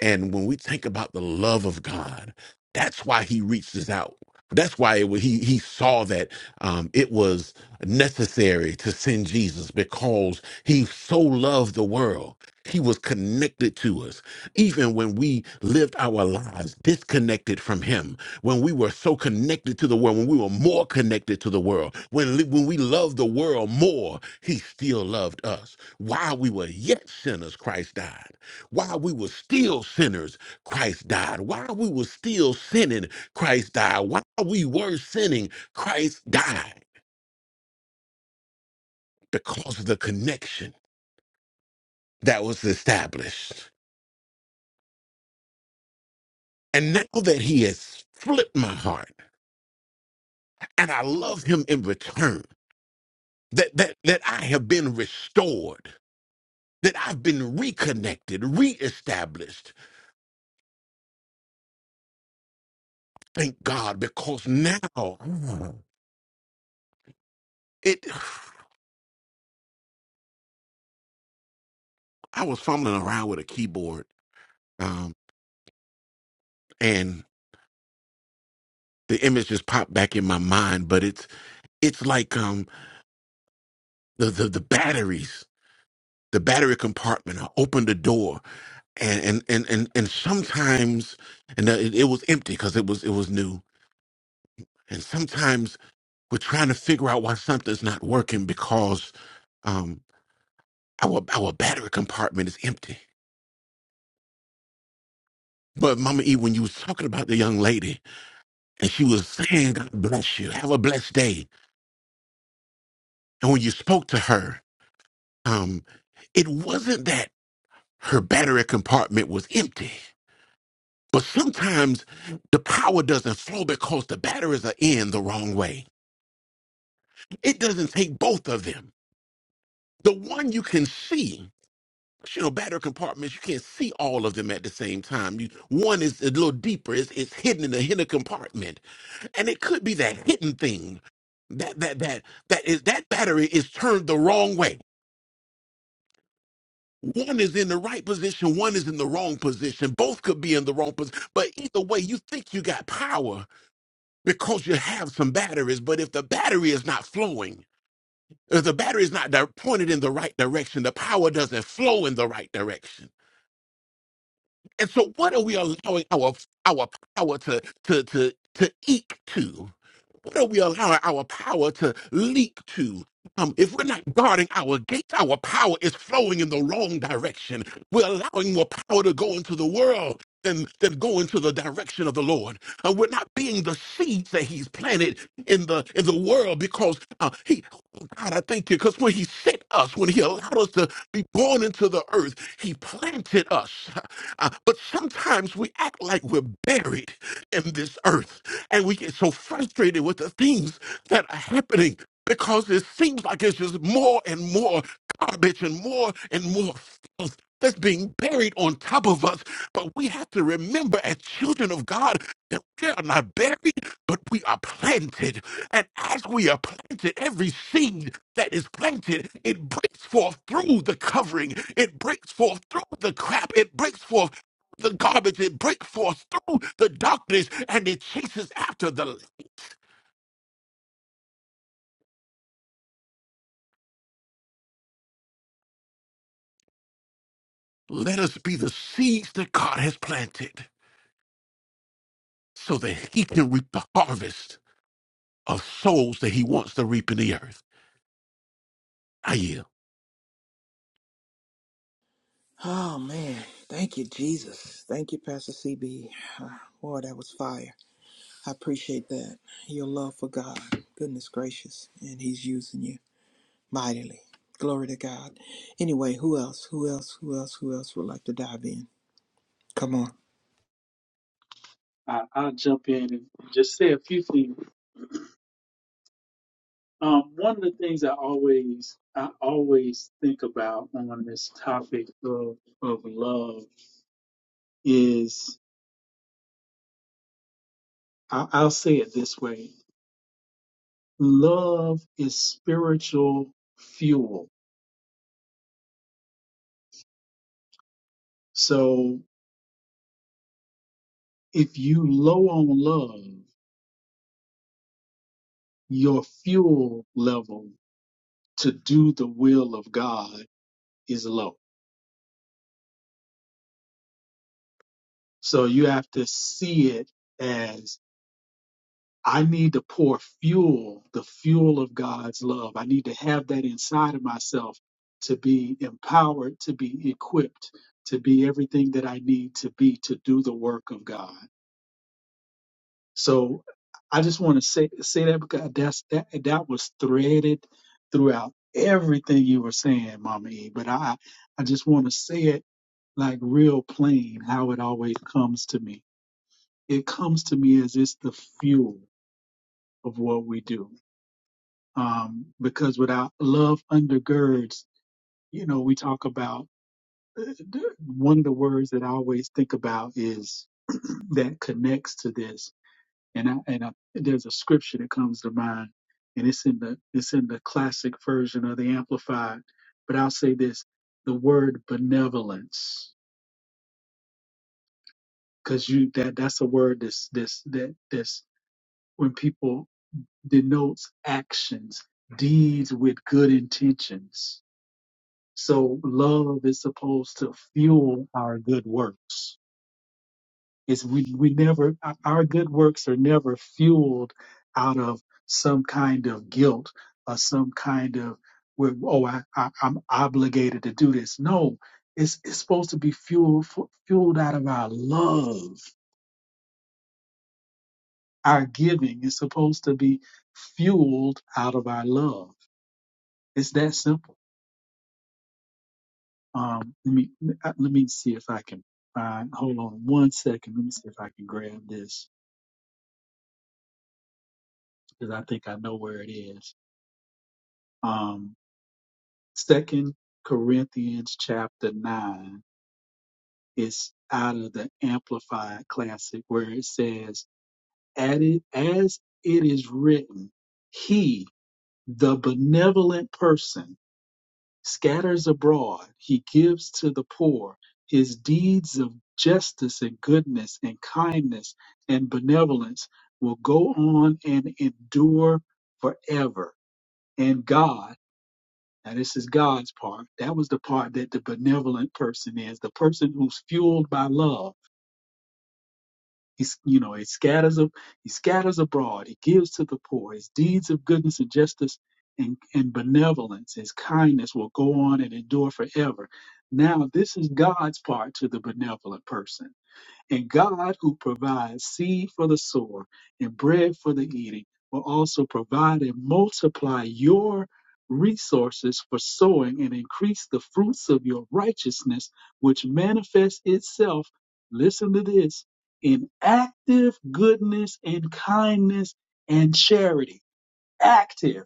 Speaker 1: And when we think about the love of God, that's why he reaches out. That's why it was, he he saw that um, it was necessary to send Jesus because he so loved the world. He was connected to us, even when we lived our lives disconnected from Him. When we were so connected to the world, when we were more connected to the world, when li- when we loved the world more, He still loved us. While we were yet sinners, Christ died. While we were still sinners, Christ died. While we were still sinning, Christ died. While we were sinning, Christ died because of the connection that was established. And now that he has flipped my heart and I love him in return, that, that, that I have been restored, that I've been reconnected, reestablished, thank God, because now it, I was fumbling around with a keyboard um, and the image just popped back in my mind, but it's it's like um the the, the batteries, the battery compartment. I opened the door, and and and and, and sometimes, and uh, it, it was empty because it was it was new. And sometimes we're trying to figure out why something's not working because um our our battery compartment is empty. But Mama E, when you was talking about the young lady, and she was saying, "God bless you, have a blessed day," and when you spoke to her, um, it wasn't that. Her battery compartment was empty. But sometimes the power doesn't flow because the batteries are in the wrong way. It doesn't take both of them. The one you can see, you know, battery compartments, you can't see all of them at the same time. You, one is a little deeper, it's, it's hidden in the hidden compartment. And it could be that hidden thing. That that that that is that battery is turned the wrong way One is in the right position, one is in the wrong position. Both could be in the wrong position. But either way, you think you got power because you have some batteries. But if the battery is not flowing, if the battery is not di- pointed in the right direction, the power doesn't flow in the right direction. And so, what are we allowing our our power to to to to eke to? What are we allowing our power to leak to? Um, if we're not guarding our gates, our power is flowing in the wrong direction. We're allowing more power to go into the world than, than go into the direction of the Lord. And we're not being the seeds that He's planted in the in the world because uh, He, oh God, I thank you, because when He sent us, when He allowed us to be born into the earth, He planted us. Uh, but sometimes we act like we're buried in this earth and we get so frustrated with the things that are happening because it seems like it's just more and more garbage and more and more filth that's being buried on top of us. But we have to remember, as children of God, that we are not buried, but we are planted. And as we are planted, every seed that is planted, it breaks forth through the covering, it breaks forth through the crap, it breaks forth through the garbage, it breaks forth through the darkness, and it chases after the light. Let us be the seeds that God has planted so that He can reap the harvest of souls that He wants to reap in the earth. I yield.
Speaker 2: Oh, man. Thank you, Jesus. Thank you, Pastor CB. Ah, Boy, that was fire. I appreciate that. Your love for God. Goodness gracious. And He's using you. mightily. Glory to God. Anyway, who else? Who else? Who else? Who else would like to dive in? Come on.
Speaker 5: I, I'll jump in and just say a few things. Um, one of the things I always I always think about on this topic of of love is I, I'll say it this way: love is spiritual fuel. So if you low on love, your fuel level to do the will of God is low So you have to see it as I need to pour fuel, the fuel of God's love. I need to have that inside of myself to be empowered, to be equipped, to be everything that I need to be to do the work of God. So I just want to say say that because that's that that was threaded throughout everything you were saying, Mama E. But I I just want to say it like real plain how it always comes to me it comes to me as it's the fuel of what we do. Um, because without love undergirds, you know, we talk about uh, one of the words that I always think about is that connects to this. And I, and I, there's a scripture that comes to mind, and it's in the it's in the classic version of the Amplified. But I'll say this: the word benevolence, because you that that's a word that's that's that that's when people denotes actions, deeds with good intentions. So love is supposed to fuel our good works. It's we, we never our our good works are never fueled out of some kind of guilt or some kind of where oh I, I I'm obligated to do this. No, it's it's supposed to be fueled fu- fueled out of our love. Our giving is supposed to be fueled out of our love. It's that simple. Um, let me uh, let me see if I can find. Hold on one second. Let me see if I can grab this because I think I know where it is. Um, Second Corinthians chapter nine is out of the Amplified Classic where it says, "At it as it is written, He, the benevolent person." scatters abroad, he gives to the poor, his deeds of justice and goodness and kindness and benevolence will go on and endure forever. And God, now this is God's part, that was the part that the benevolent person is, the person who's fueled by love he, s- you know, he scatters, ab- he scatters abroad. He gives to the poor. His deeds of goodness and justice and, and benevolence, his kindness will go on and endure forever. Now, this is God's part to the benevolent person. And God, who provides seed for the sower and bread for the eating, will also provide and multiply your resources for sowing and increase the fruits of your righteousness, which manifests itself, listen to this, in active goodness and kindness and charity. Active.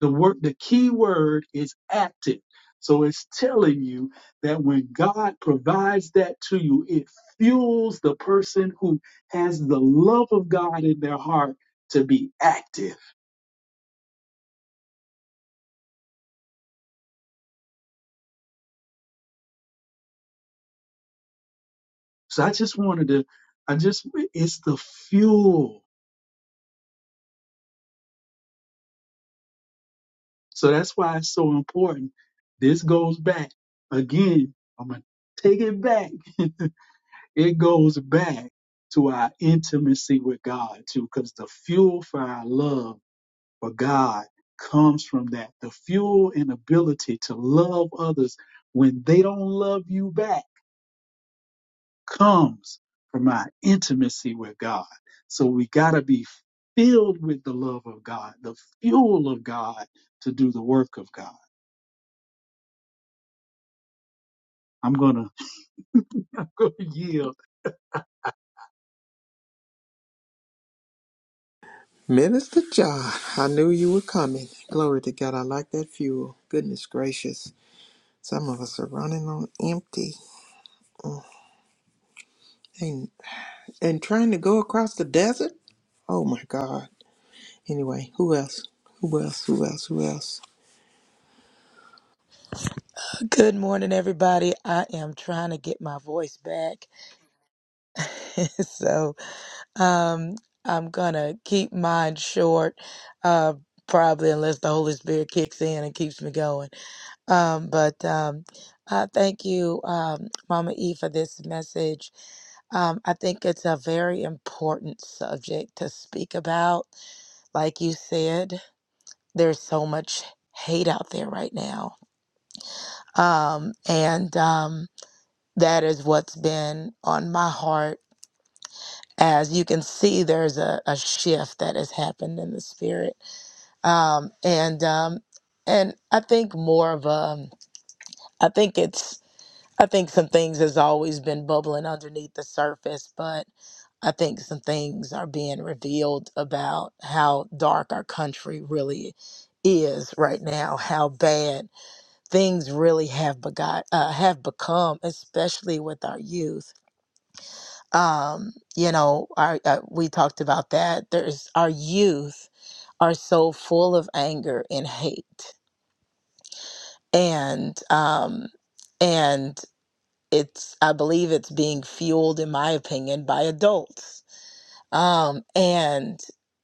Speaker 5: The word, the key word is active. So it's telling you that when God provides that to you, it fuels the person who has the love of God in their heart to be active. So I just wanted to, I just, it's the fuel. So that's why it's so important. This goes back again. I'm going to take it back. it goes back to our intimacy with God too, because the fuel for our love for God comes from that. The fuel and ability to love others when they don't love you back comes from our intimacy with God. So we got to be filled with the love of God, the fuel of God to do the work of God. I'm going to yield
Speaker 2: Minister John, I knew you were coming. Glory to God. I like that fuel. Goodness gracious. Some of us are running on empty and and trying to go across the desert. Oh my God. Anyway, who else? Who else? Who else? Who else?
Speaker 3: Good morning, everybody. I am trying to get my voice back. so um, I'm going to keep mine short, uh, probably unless the Holy Spirit kicks in and keeps me going. Um, but um, uh, thank you, um, Mama E, for this message. Um, I think it's a very important subject to speak about. Like you said, there's so much hate out there right now. Um, and. Um, That is what's been on my heart. As you can see, there's a, a shift that has happened in the spirit, um, and um, and I think more of um, I think it's I think some things has always been bubbling underneath the surface, but I think some things are being revealed about how dark our country really is right now, how bad things really have begot uh, have become, especially with our youth um, you know, our uh, we talked about that. There's our youth are so full of anger and hate, and um, and it's I believe it's being fueled, in my opinion, by adults. Um, and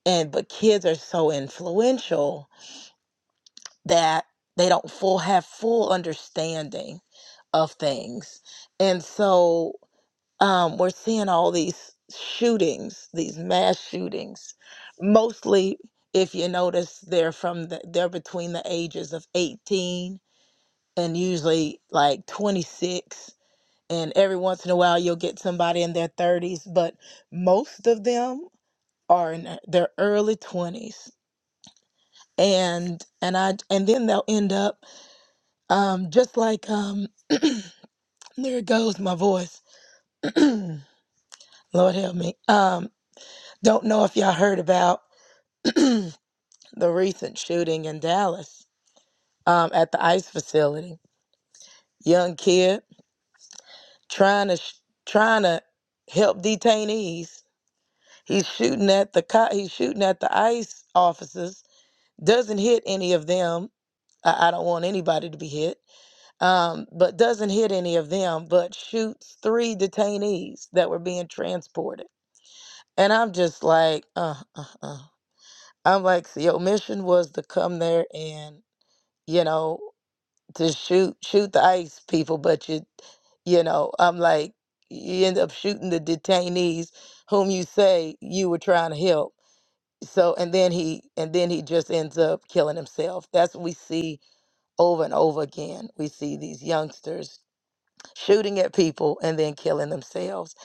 Speaker 3: and but kids are so influential that they don't full have full understanding of things, and so. um, we're seeing all these shootings, these mass shootings. Mostly, if you notice, they're from the, they're between the ages of 18 and usually like 26. And every once in a while, you'll get somebody in their 30s, but most of them are in their early 20s. And and I and then they'll end up um, just like um, there goes my voice. Lord help me. Um, don't know if y'all heard about. the recent shooting in Dallas um, at the ICE facility. Young kid trying to sh- trying to help detainees. He's shooting at the co- he's shooting at the ICE officers. Doesn't hit any of them. I, I don't want anybody to be hit, um, but doesn't hit any of them. But shoots three detainees that were being transported. And I'm just like, uh, uh, uh. I'm like, so your mission was to come there and you know to shoot shoot the ICE people, but you you know, I'm like you end up shooting the detainees whom you say you were trying to help. So and then he and then he just ends up killing himself. That's what we see over and over again. We see these youngsters shooting at people and then killing themselves.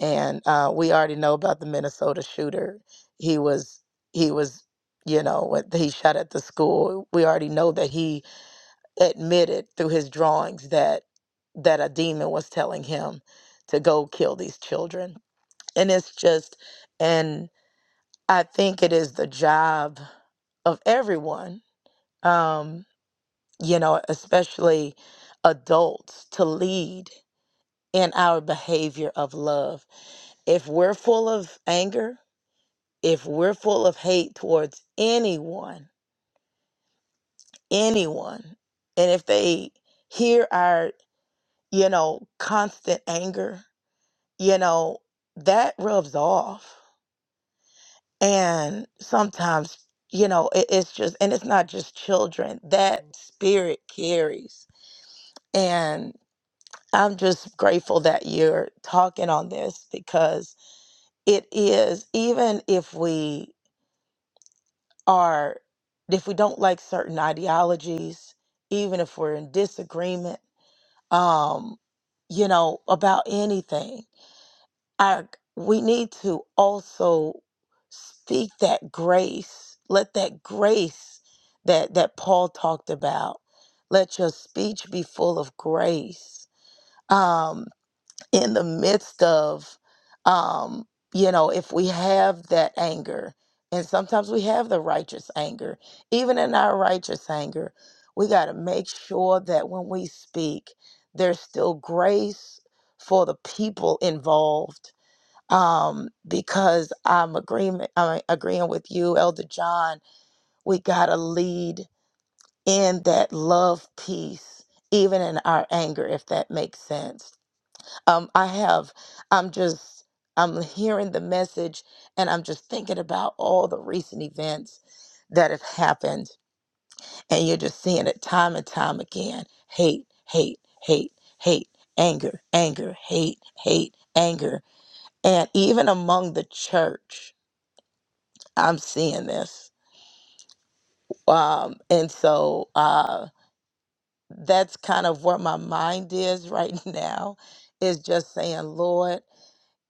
Speaker 3: And uh, we already know about the Minnesota shooter. He was he was you know what he shot at the school. We already know that he admitted through his drawings that that a demon was telling him to go kill these children and it's just and i think it is the job of everyone um you know especially adults to lead in our behavior of love if we're full of anger if we're full of hate towards anyone anyone and if they hear our you know constant anger you know, that rubs off. And sometimes, you know, it, it's just, and it's not just children, that spirit carries. And I'm just grateful that you're talking on this because it is, even if we are, if we don't like certain ideologies, even if we're in disagreement, um, you know, about anything, our we need to also speak that grace let that grace that that paul talked about let your speech be full of grace um in the midst of um you know if we have that anger and sometimes we have the righteous anger even in our righteous anger we got to make sure that when we speak there's still grace for the people involved um, because I'm agreement I'm agreeing with you, Elder John. We gotta lead in that love piece, even in our anger, if that makes sense. Um, I have I'm just I'm hearing the message and I'm just thinking about all the recent events that have happened, and you're just seeing it time and time again. Hate, hate, hate, hate, anger, anger, hate, hate, anger. And even among the church, I'm seeing this. Um, and so uh, that's kind of where my mind is right now is just saying, Lord,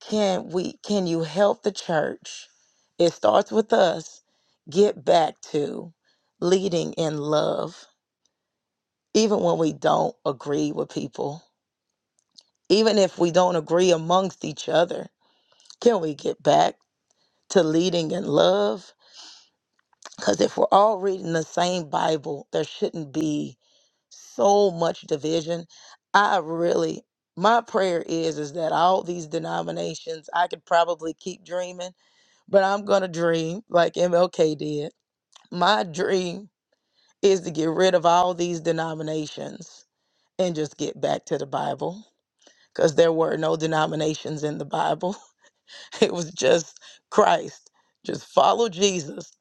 Speaker 3: can we can you help the church? It starts with us get back to leading in love, even when we don't agree with people, even if we don't agree amongst each other. Can we get back to leading in love? Because if we're all reading the same Bible, there shouldn't be so much division. I really my prayer is is that all these denominations I could probably keep dreaming, but I'm going to dream like MLK did. My dream is to get rid of all these denominations and just get back to the Bible because there were no denominations in the Bible. It was just Christ. Just follow Jesus.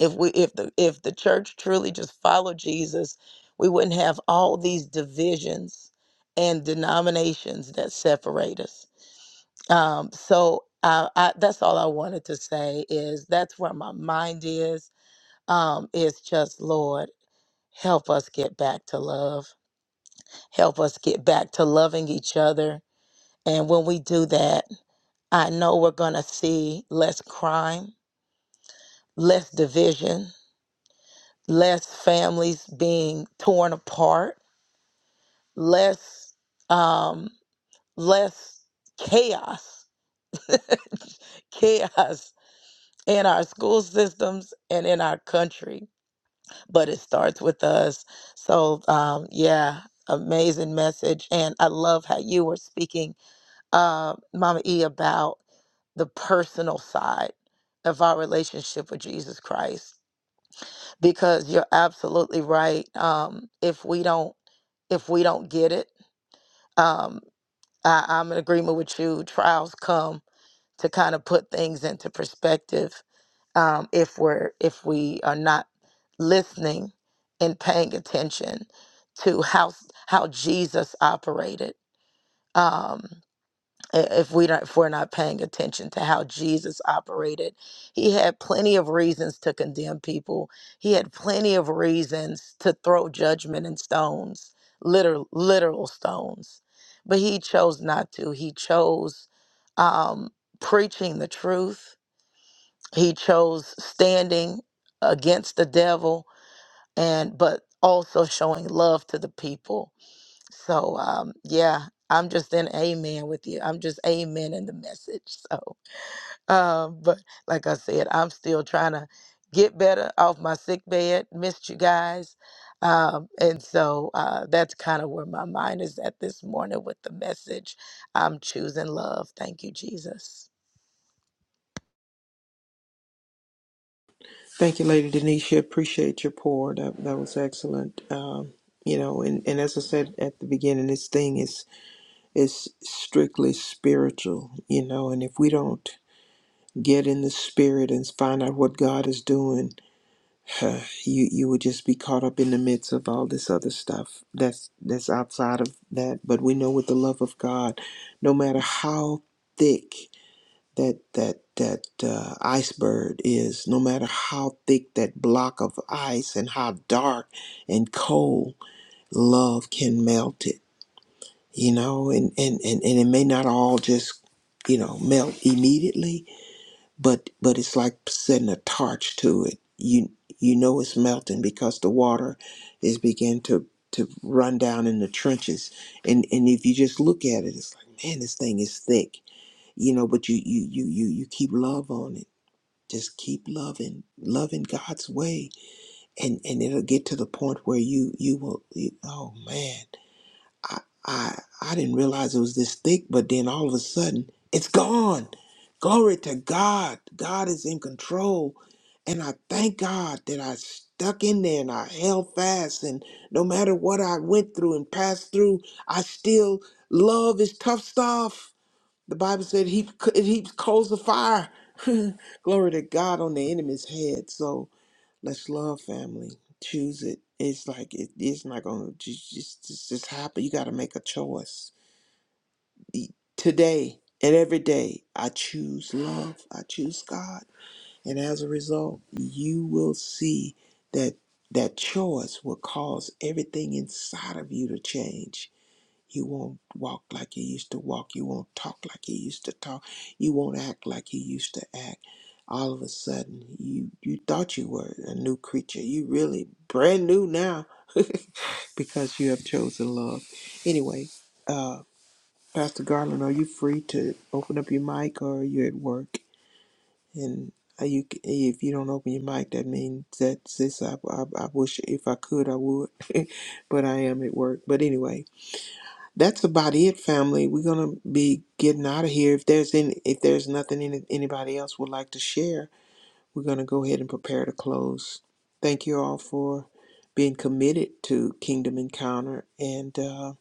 Speaker 3: If we if the if the church truly just followed Jesus, we wouldn't have all these divisions and denominations that separate us. Um, so I, I, that's all I wanted to say is that's where my mind is. Um, is just Lord, help us get back to love. Help us get back to loving each other. And when we do that, I know we're gonna see less crime. less division, less families being torn apart, less um, less chaos, chaos in our school systems and in our country. But it starts with us. So um, yeah, amazing message, and I love how you were speaking, uh, Mama E, about the personal side of our relationship with Jesus Christ because you're absolutely right. Um, if we don't if we don't get it. Um, I, I'm in agreement with you. Trials come to kind of put things into perspective. Um, if we're if we are not listening and paying attention to how how Jesus operated. Um, i- if we don't if we're not paying attention to how Jesus operated. He had plenty of reasons to condemn people. He had plenty of reasons to throw judgment and stones, literal literal stones. But he chose not to. He chose um preaching the truth. He chose standing against the devil and but also showing love to the people so um yeah, I'm just in amen with you. I'm just amen in the message. So um but like I said, I'm still trying to get better off my sick bed. Missed you guys. Um and so uh that's kind of where my mind is at this morning with the message. I'm choosing love. Thank you Jesus.
Speaker 2: Thank you, Lady Denisha. Appreciate your pour. That that was excellent. Um, you know, and, and as I said at the beginning, this thing is It's strictly spiritual, you know, and if we don't get in the spirit and find out what God is doing, you you would just be caught up in the midst of all this other stuff that's that's outside of that. But we know with the love of God, no matter how thick that that that uh, iceberg is, no matter how thick that block of ice and how dark and cold, love can melt it you know and and and, and it may not all just you know melt immediately but but it's like setting a torch to it you you know it's melting because the water is begin to to run down in the trenches and and if you just look at it it's like man this thing is thick you know but you you you you, you keep love on it just keep loving loving god's way and and it'll get to the point where you you will you, oh man I, I I didn't realize it was this thick, but then all of a sudden it's gone. Glory to God. God is in control. And I thank God that I stuck in there and I held fast. And no matter what I went through and passed through, I still love his tough stuff. The Bible said he, it heaps coals of fire. Glory to God on the enemy's head. So Let's love family. Choose it. It's like it, it's not gonna just just just just happen. You got to make a choice E- today and every day. I choose love. I choose God, and as a result, you will see that that choice will cause everything inside of you to change you won't walk like you used to walk. You won't talk like you used to talk. You won't act like you used to act. All of a sudden, you, you thought you were a new creature. You really brand new now because you have chosen love. Anyway, uh, Pastor Garland, are you free to open up your mic or are you at work? And are you, if you don't open your mic, that means that sis, I, I, I wish if I could, I would, but I am at work. But anyway, that's about it, family. We're gonna be getting out of here. If there's any, if there's nothing any, anybody else would like to share, we're gonna go ahead and prepare to close. Thank you all for being committed to Kingdom Encounter, and uh,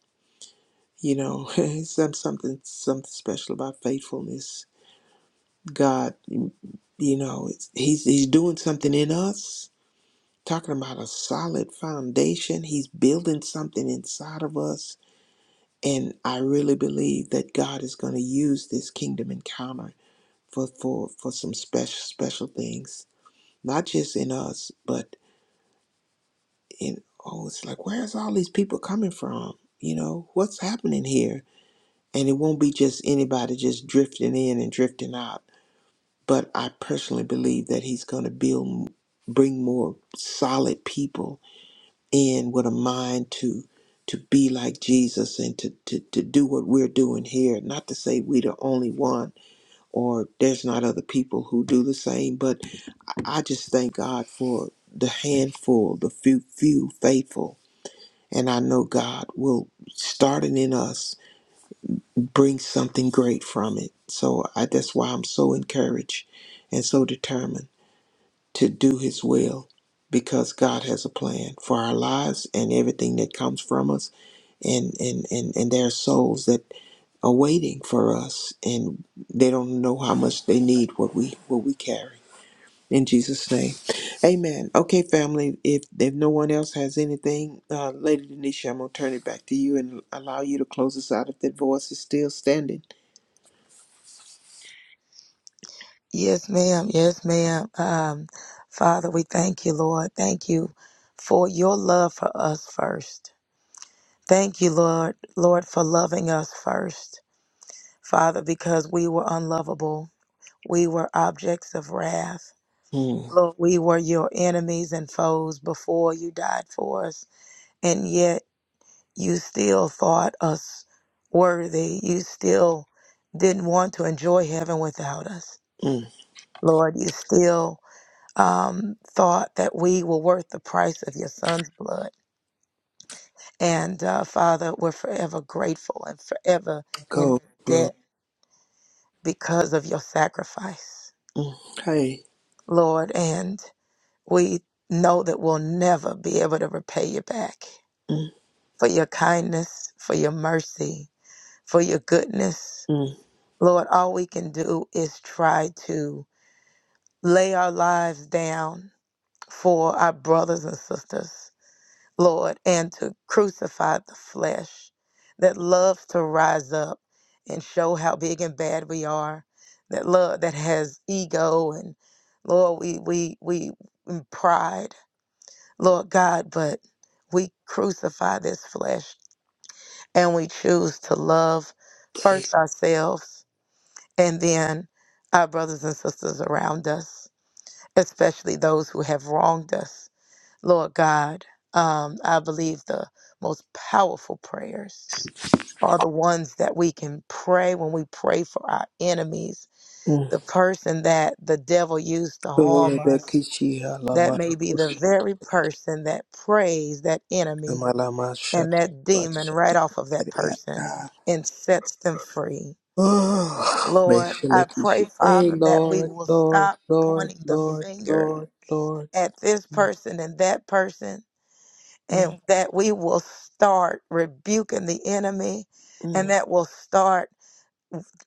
Speaker 2: you know, some something something special about faithfulness. God, you know, it's, he's he's doing something in us. Talking about a solid foundation, he's building something inside of us And I really believe that God is going to use this kingdom encounter for, for, for some special, special things, not just in us, but in, oh, it's like, where's all these people coming from? You know, what's happening here? And it won't be just anybody just drifting in and drifting out. But I personally believe that he's going to build, bring more solid people in with a mind to to be like Jesus and to, to, to do what we're doing here. Not to say we the only one or there's not other people who do the same, but I just thank God for the handful, the few few faithful. And I know God will starting in us bring something great from it. So I that's why I'm so encouraged and so determined to do His will because God has a plan for our lives and everything that comes from us. And, and, and, and there are souls that are waiting for us and they don't know how much they need what we what we carry in jesus name amen okay family if if no one else has anything uh lady denisha i'm gonna turn it back to you and allow you to close us out if that voice is still standing
Speaker 3: Yes, ma'am. Yes, ma'am. Um Father, we thank you, Lord. Thank you for your love for us first. Thank you, Lord, Lord, for loving us first, Father, because we were unlovable. We were objects of wrath.
Speaker 2: mm,
Speaker 3: Lord, we were your enemies and foes before you died for us, and yet you still thought us worthy. You still didn't want to enjoy heaven without us.
Speaker 2: mm,
Speaker 3: Lord, you still um, thought that we were worth the price of your son's blood. And uh, Father, we're forever grateful and forever in
Speaker 2: go blow
Speaker 3: debt because of your sacrifice,
Speaker 2: mm, hey
Speaker 3: Lord. And we know that we'll never be able to repay you back
Speaker 2: mm,
Speaker 3: for your kindness, for your mercy, for your goodness.
Speaker 2: mm,
Speaker 3: Lord, all we can do is try to lay our lives down for our brothers and sisters Lord, and to crucify the flesh that loves to rise up and show how big and bad we are, that love that has ego and Lord, we we we and pride, Lord God, but we crucify this flesh and we choose to love
Speaker 2: hey.
Speaker 3: first ourselves and then our brothers and sisters around us, especially those who have wronged us. Lord God, um, I believe the most powerful prayers are the ones that we can pray when we pray for our enemies,
Speaker 2: mm.
Speaker 3: the person that the devil used to
Speaker 2: Ole
Speaker 3: harm us.
Speaker 2: bekishi hala
Speaker 3: That may be the
Speaker 2: marakoshi
Speaker 3: very person that prays that enemy
Speaker 2: kamala
Speaker 3: and
Speaker 2: mashata
Speaker 3: that demon right
Speaker 2: bashata
Speaker 3: off of that person
Speaker 2: kiriata.
Speaker 3: and sets them free.
Speaker 2: Oh,
Speaker 3: Lord, I
Speaker 2: meshele
Speaker 3: pray,
Speaker 2: kishi. Hey,
Speaker 3: Father, that we
Speaker 2: Lord,
Speaker 3: will
Speaker 2: Lord,
Speaker 3: stop
Speaker 2: Lord,
Speaker 3: pointing the
Speaker 2: Lord,
Speaker 3: finger
Speaker 2: Lord, Lord.
Speaker 3: at this
Speaker 2: Mm,
Speaker 3: person and that person
Speaker 2: mm.
Speaker 3: and that we will start rebuking the enemy and
Speaker 2: mm.
Speaker 3: that will start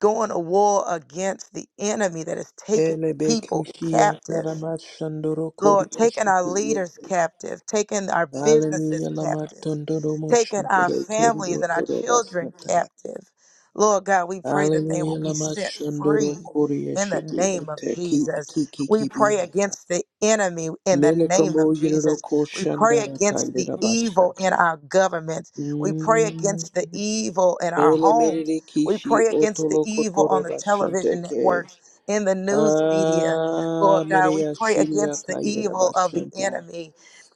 Speaker 3: going to war against the enemy that is taking
Speaker 2: Ele
Speaker 3: people
Speaker 2: bekishi
Speaker 3: captive
Speaker 2: atara mashandoro
Speaker 3: Lord,
Speaker 2: koriya
Speaker 3: taking our
Speaker 2: shiki
Speaker 3: leaders captive, taking our businesses
Speaker 2: Hallelujah, lama
Speaker 3: captive,
Speaker 2: tondoro
Speaker 3: taking our
Speaker 2: moshantere
Speaker 3: families
Speaker 2: kiriyo
Speaker 3: and our
Speaker 2: toro
Speaker 3: children
Speaker 2: basnatara.
Speaker 3: captive. Lord God, we pray that they will
Speaker 2: Hallelujah,
Speaker 3: be
Speaker 2: lama
Speaker 3: set
Speaker 2: shandoro
Speaker 3: free
Speaker 2: koriya
Speaker 3: in the
Speaker 2: shiki
Speaker 3: name of
Speaker 2: yete ki
Speaker 3: Jesus.
Speaker 2: ki ki
Speaker 3: We
Speaker 2: ki
Speaker 3: pray
Speaker 2: bihata.
Speaker 3: against the enemy in the name of
Speaker 2: Melekamo Yiriro
Speaker 3: Jesus. We pray
Speaker 2: Koshandara
Speaker 3: against the
Speaker 2: Kaidera
Speaker 3: evil in
Speaker 2: Bashanta.
Speaker 3: our government. We pray
Speaker 2: Mm.
Speaker 3: against the evil in our
Speaker 2: Mele
Speaker 3: homes.
Speaker 2: Merere
Speaker 3: We
Speaker 2: Kishi
Speaker 3: pray against the
Speaker 2: Otolo
Speaker 3: evil on
Speaker 2: Kotoro
Speaker 3: the
Speaker 2: Bashanta
Speaker 3: television
Speaker 2: ke.
Speaker 3: networks, in the news media
Speaker 2: Ah,
Speaker 3: Lord God, we
Speaker 2: Mereya
Speaker 3: pray
Speaker 2: Shiria
Speaker 3: against the
Speaker 2: Kaidera
Speaker 3: evil of the
Speaker 2: Bashanta.
Speaker 3: enemy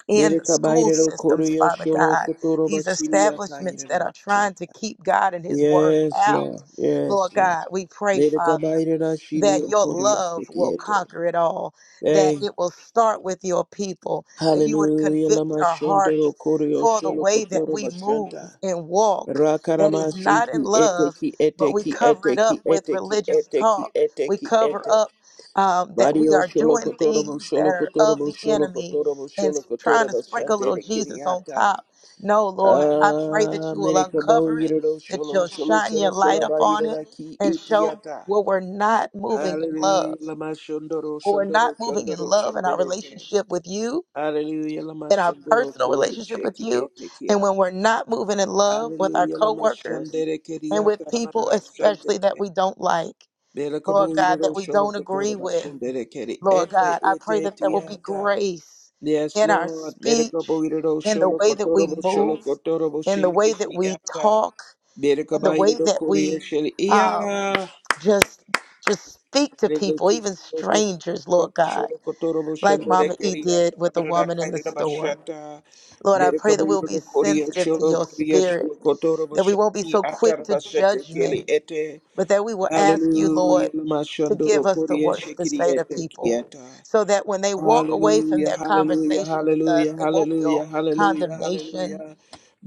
Speaker 3: in the
Speaker 2: Mereka
Speaker 3: school
Speaker 2: Bairero
Speaker 3: systems,
Speaker 2: Korea
Speaker 3: Father
Speaker 2: Sholo
Speaker 3: God,
Speaker 2: Kotoro
Speaker 3: these
Speaker 2: Bashiria
Speaker 3: establishments
Speaker 2: Kaidera
Speaker 3: that are trying to
Speaker 2: Bashanta.
Speaker 3: keep God and His Word
Speaker 2: Yes,
Speaker 3: out.
Speaker 2: Lord. Yes,
Speaker 3: Lord God,
Speaker 2: Lord.
Speaker 3: we pray,
Speaker 2: Mereka
Speaker 3: Father,
Speaker 2: Bairera
Speaker 3: that
Speaker 2: Shilio
Speaker 3: your
Speaker 2: Korea
Speaker 3: love will
Speaker 2: Sikiete.
Speaker 3: conquer it all, that
Speaker 2: Hey.
Speaker 3: it will start with your people, that you would
Speaker 2: Hallelujah,
Speaker 3: convict
Speaker 2: Lama
Speaker 3: our
Speaker 2: Shandoro
Speaker 3: hearts
Speaker 2: Korea
Speaker 3: for the
Speaker 2: Sholo
Speaker 3: way that
Speaker 2: Kotoro
Speaker 3: we
Speaker 2: Bashanta.
Speaker 3: move and walk that
Speaker 2: Rakarama
Speaker 3: is not in
Speaker 2: shiki
Speaker 3: love,
Speaker 2: eteki
Speaker 3: but we
Speaker 2: eteki
Speaker 3: cover it
Speaker 2: eteki
Speaker 3: up with
Speaker 2: eteki
Speaker 3: religious
Speaker 2: eteki
Speaker 3: talk. We
Speaker 2: eteki
Speaker 3: cover
Speaker 2: ete.
Speaker 3: up um, that we
Speaker 2: Mario
Speaker 3: are
Speaker 2: sholo
Speaker 3: doing
Speaker 2: kotoromo
Speaker 3: things that
Speaker 2: sholo
Speaker 3: are of
Speaker 2: kotoromo
Speaker 3: the
Speaker 2: sholo
Speaker 3: enemy
Speaker 2: kotoromo
Speaker 3: and
Speaker 2: sholo
Speaker 3: s- trying to
Speaker 2: kotoromo
Speaker 3: sprinkle
Speaker 2: shante
Speaker 3: little
Speaker 2: de
Speaker 3: Jesus on
Speaker 2: kiriata.
Speaker 3: top. No, Lord, I pray that
Speaker 2: Ah,
Speaker 3: you will
Speaker 2: America bo
Speaker 3: uncover it,
Speaker 2: yiro
Speaker 3: that
Speaker 2: sholo
Speaker 3: you'll
Speaker 2: sholo
Speaker 3: shine
Speaker 2: sholo
Speaker 3: your light
Speaker 2: sholo ba
Speaker 3: upon
Speaker 2: yiro
Speaker 3: it
Speaker 2: ki
Speaker 3: and show
Speaker 2: itiata.
Speaker 3: where we're not moving in love,
Speaker 2: Hallelujah, lama shondoro
Speaker 3: where we're not
Speaker 2: shondoro
Speaker 3: moving in
Speaker 2: shondoro
Speaker 3: love in our
Speaker 2: shandereke.
Speaker 3: relationship with you,
Speaker 2: Hallelujah, lama
Speaker 3: in our
Speaker 2: shondoro
Speaker 3: personal
Speaker 2: kori
Speaker 3: relationship with
Speaker 2: sheki
Speaker 3: you,
Speaker 2: eteki
Speaker 3: and when we're not moving in love with our
Speaker 2: Hallelujah, lama
Speaker 3: coworkers
Speaker 2: shandere
Speaker 3: and with
Speaker 2: kiriata
Speaker 3: people,
Speaker 2: ramarara
Speaker 3: especially that we don't like, Lord God, that
Speaker 2: Belakabuiro
Speaker 3: we don't
Speaker 2: Sholokotora
Speaker 3: agree with.
Speaker 2: Bashenderekeri
Speaker 3: Lord
Speaker 2: Ete
Speaker 3: God. I pray
Speaker 2: Ete
Speaker 3: that there will be
Speaker 2: Tiata.
Speaker 3: grace
Speaker 2: Yes,
Speaker 3: in our
Speaker 2: Lord.
Speaker 3: speech,
Speaker 2: Belakabuiro
Speaker 3: in the way that
Speaker 2: Sholokotora
Speaker 3: we move,
Speaker 2: Sholokotora
Speaker 3: in the way that
Speaker 2: Boshikishi
Speaker 3: we
Speaker 2: Ata.
Speaker 3: talk, in the way
Speaker 2: Belakabuiro
Speaker 3: that
Speaker 2: Korea
Speaker 3: we
Speaker 2: Sheli
Speaker 3: um,
Speaker 2: Ia.
Speaker 3: just just speak to people, even
Speaker 2: Belakishio
Speaker 3: strangers, Lord God,
Speaker 2: Sholokotora
Speaker 3: like Mama E
Speaker 2: Boshenderekeri
Speaker 3: did
Speaker 2: Ata.
Speaker 3: with the woman in the
Speaker 2: Brakaira
Speaker 3: store.
Speaker 2: Bashata.
Speaker 3: Lord, I pray that we'll be
Speaker 2: Belakabuiro Korea
Speaker 3: sensitive to
Speaker 2: Sholo
Speaker 3: your
Speaker 2: Korea
Speaker 3: spirit,
Speaker 2: Sholokotora
Speaker 3: that we won't be
Speaker 2: Boshiki
Speaker 3: so
Speaker 2: Ata
Speaker 3: quick to
Speaker 2: Bashete Keli
Speaker 3: judgment,
Speaker 2: Ete.
Speaker 3: but that we will ask you, Lord,
Speaker 2: Hallelujah.
Speaker 3: to give
Speaker 2: Namashandoro
Speaker 3: us the
Speaker 2: Korea
Speaker 3: words to say to
Speaker 2: Shikiriete
Speaker 3: people
Speaker 2: Kieta.
Speaker 3: so that when they walk away from
Speaker 2: Hallelujah,
Speaker 3: their
Speaker 2: hallelujah,
Speaker 3: conversation with us,
Speaker 2: hallelujah,
Speaker 3: they won't
Speaker 2: hallelujah,
Speaker 3: feel
Speaker 2: hallelujah,
Speaker 3: condemnation,
Speaker 2: hallelujah.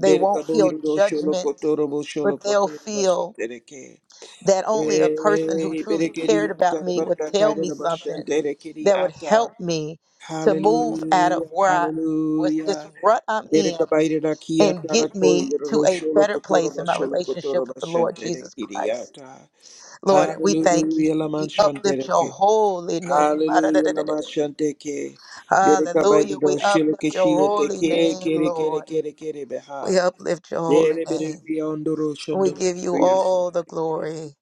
Speaker 3: they won't feel
Speaker 2: boiro sholo
Speaker 3: judgment,
Speaker 2: kotoro bo sholo
Speaker 3: but they'll
Speaker 2: kotoro basha
Speaker 3: feel
Speaker 2: tereke.
Speaker 3: that only a person who
Speaker 2: Eh,
Speaker 3: truly
Speaker 2: berekeri
Speaker 3: cared about
Speaker 2: ata
Speaker 3: me would
Speaker 2: barka
Speaker 3: tell
Speaker 2: kaira
Speaker 3: me
Speaker 2: na basha
Speaker 3: something
Speaker 2: terekeri
Speaker 3: that would help
Speaker 2: ata.
Speaker 3: me to move out of
Speaker 2: Hallelujah,
Speaker 3: where I was this
Speaker 2: hallelujah.
Speaker 3: rut I'm in
Speaker 2: Dereka baire da kia
Speaker 3: and
Speaker 2: tara
Speaker 3: get me to a
Speaker 2: sholo
Speaker 3: better
Speaker 2: kotoro
Speaker 3: place in my
Speaker 2: basha sholo kotoro
Speaker 3: relationship with the
Speaker 2: basha
Speaker 3: Lord Jesus
Speaker 2: terekeri
Speaker 3: Christ.
Speaker 2: ata.
Speaker 3: Lord, and we thank you.
Speaker 2: Hallelujah, Laman
Speaker 3: We uplift your
Speaker 2: Shantereke.
Speaker 3: holy name.
Speaker 2: Hallelujah, Laman Shanteke. Dereka
Speaker 3: Hallelujah. We
Speaker 2: Baido
Speaker 3: uplift your
Speaker 2: Shilakeshia
Speaker 3: holy
Speaker 2: Teke,
Speaker 3: name,
Speaker 2: Kere Kere Kere
Speaker 3: Lord.
Speaker 2: Kere Kere
Speaker 3: We
Speaker 2: Beha.
Speaker 3: uplift your holy
Speaker 2: Dere Bere
Speaker 3: name.
Speaker 2: Biondoro
Speaker 3: We
Speaker 2: Shondoro.
Speaker 3: give you all the glory,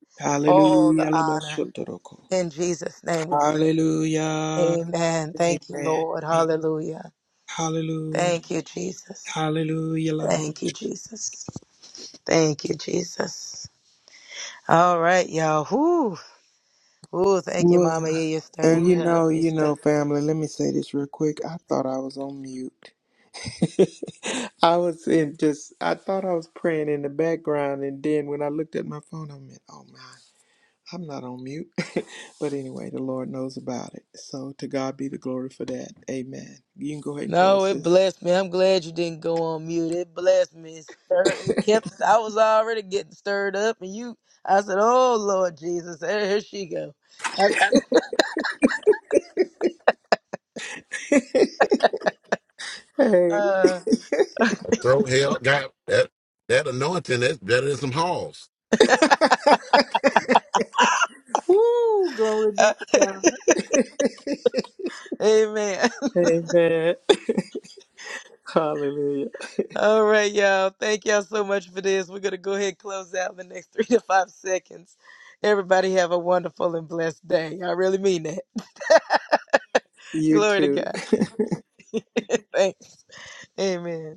Speaker 3: all the
Speaker 2: Hallelujah, Laman
Speaker 3: honor.
Speaker 2: Shantoroko.
Speaker 3: In Jesus' name we pray.
Speaker 2: Hallelujah.
Speaker 3: Amen. Thank you,
Speaker 2: Amen.
Speaker 3: Lord. Hallelujah.
Speaker 2: Hallelujah.
Speaker 3: Thank you, Jesus.
Speaker 2: Hallelujah, Laman.
Speaker 3: Thank you, Jesus. Thank you, Jesus. All right, y'all. Whoo. Ooh, thank you,
Speaker 2: Lord,
Speaker 3: Mama. Yeah, you're
Speaker 2: And
Speaker 3: stirring me
Speaker 2: you
Speaker 3: up.
Speaker 2: know,
Speaker 3: You
Speaker 2: you
Speaker 3: stirred
Speaker 2: know, family, let me say this real quick. I thought I was on mute. I was in just, I thought I was praying in the background, and then when I looked at my phone, I meant, oh my, I'm not on mute. but anyway, the Lord knows about it. So to God be the glory for that. Amen. You can go ahead and
Speaker 3: No,
Speaker 2: close
Speaker 3: it
Speaker 2: this.
Speaker 3: blessed me. I'm glad you didn't go on mute. It blessed me. It stirred- it kept. I was already getting stirred up, and you. I said, "Oh Lord Jesus, here here she go." I said,
Speaker 2: Hey.
Speaker 3: uh,
Speaker 1: Throw hell, God, that that anointing that's better than some halls.
Speaker 2: Woo, glory be
Speaker 3: uh,
Speaker 2: to God.
Speaker 3: Amen.
Speaker 2: Amen. Hallelujah.
Speaker 3: All right, y'all. Thank y'all so much for this. We're gonna go ahead and close out in the next three to five seconds. Everybody have a wonderful and blessed day. I really mean that.
Speaker 2: You
Speaker 3: Glory to
Speaker 2: too.
Speaker 3: God. Thanks. Amen.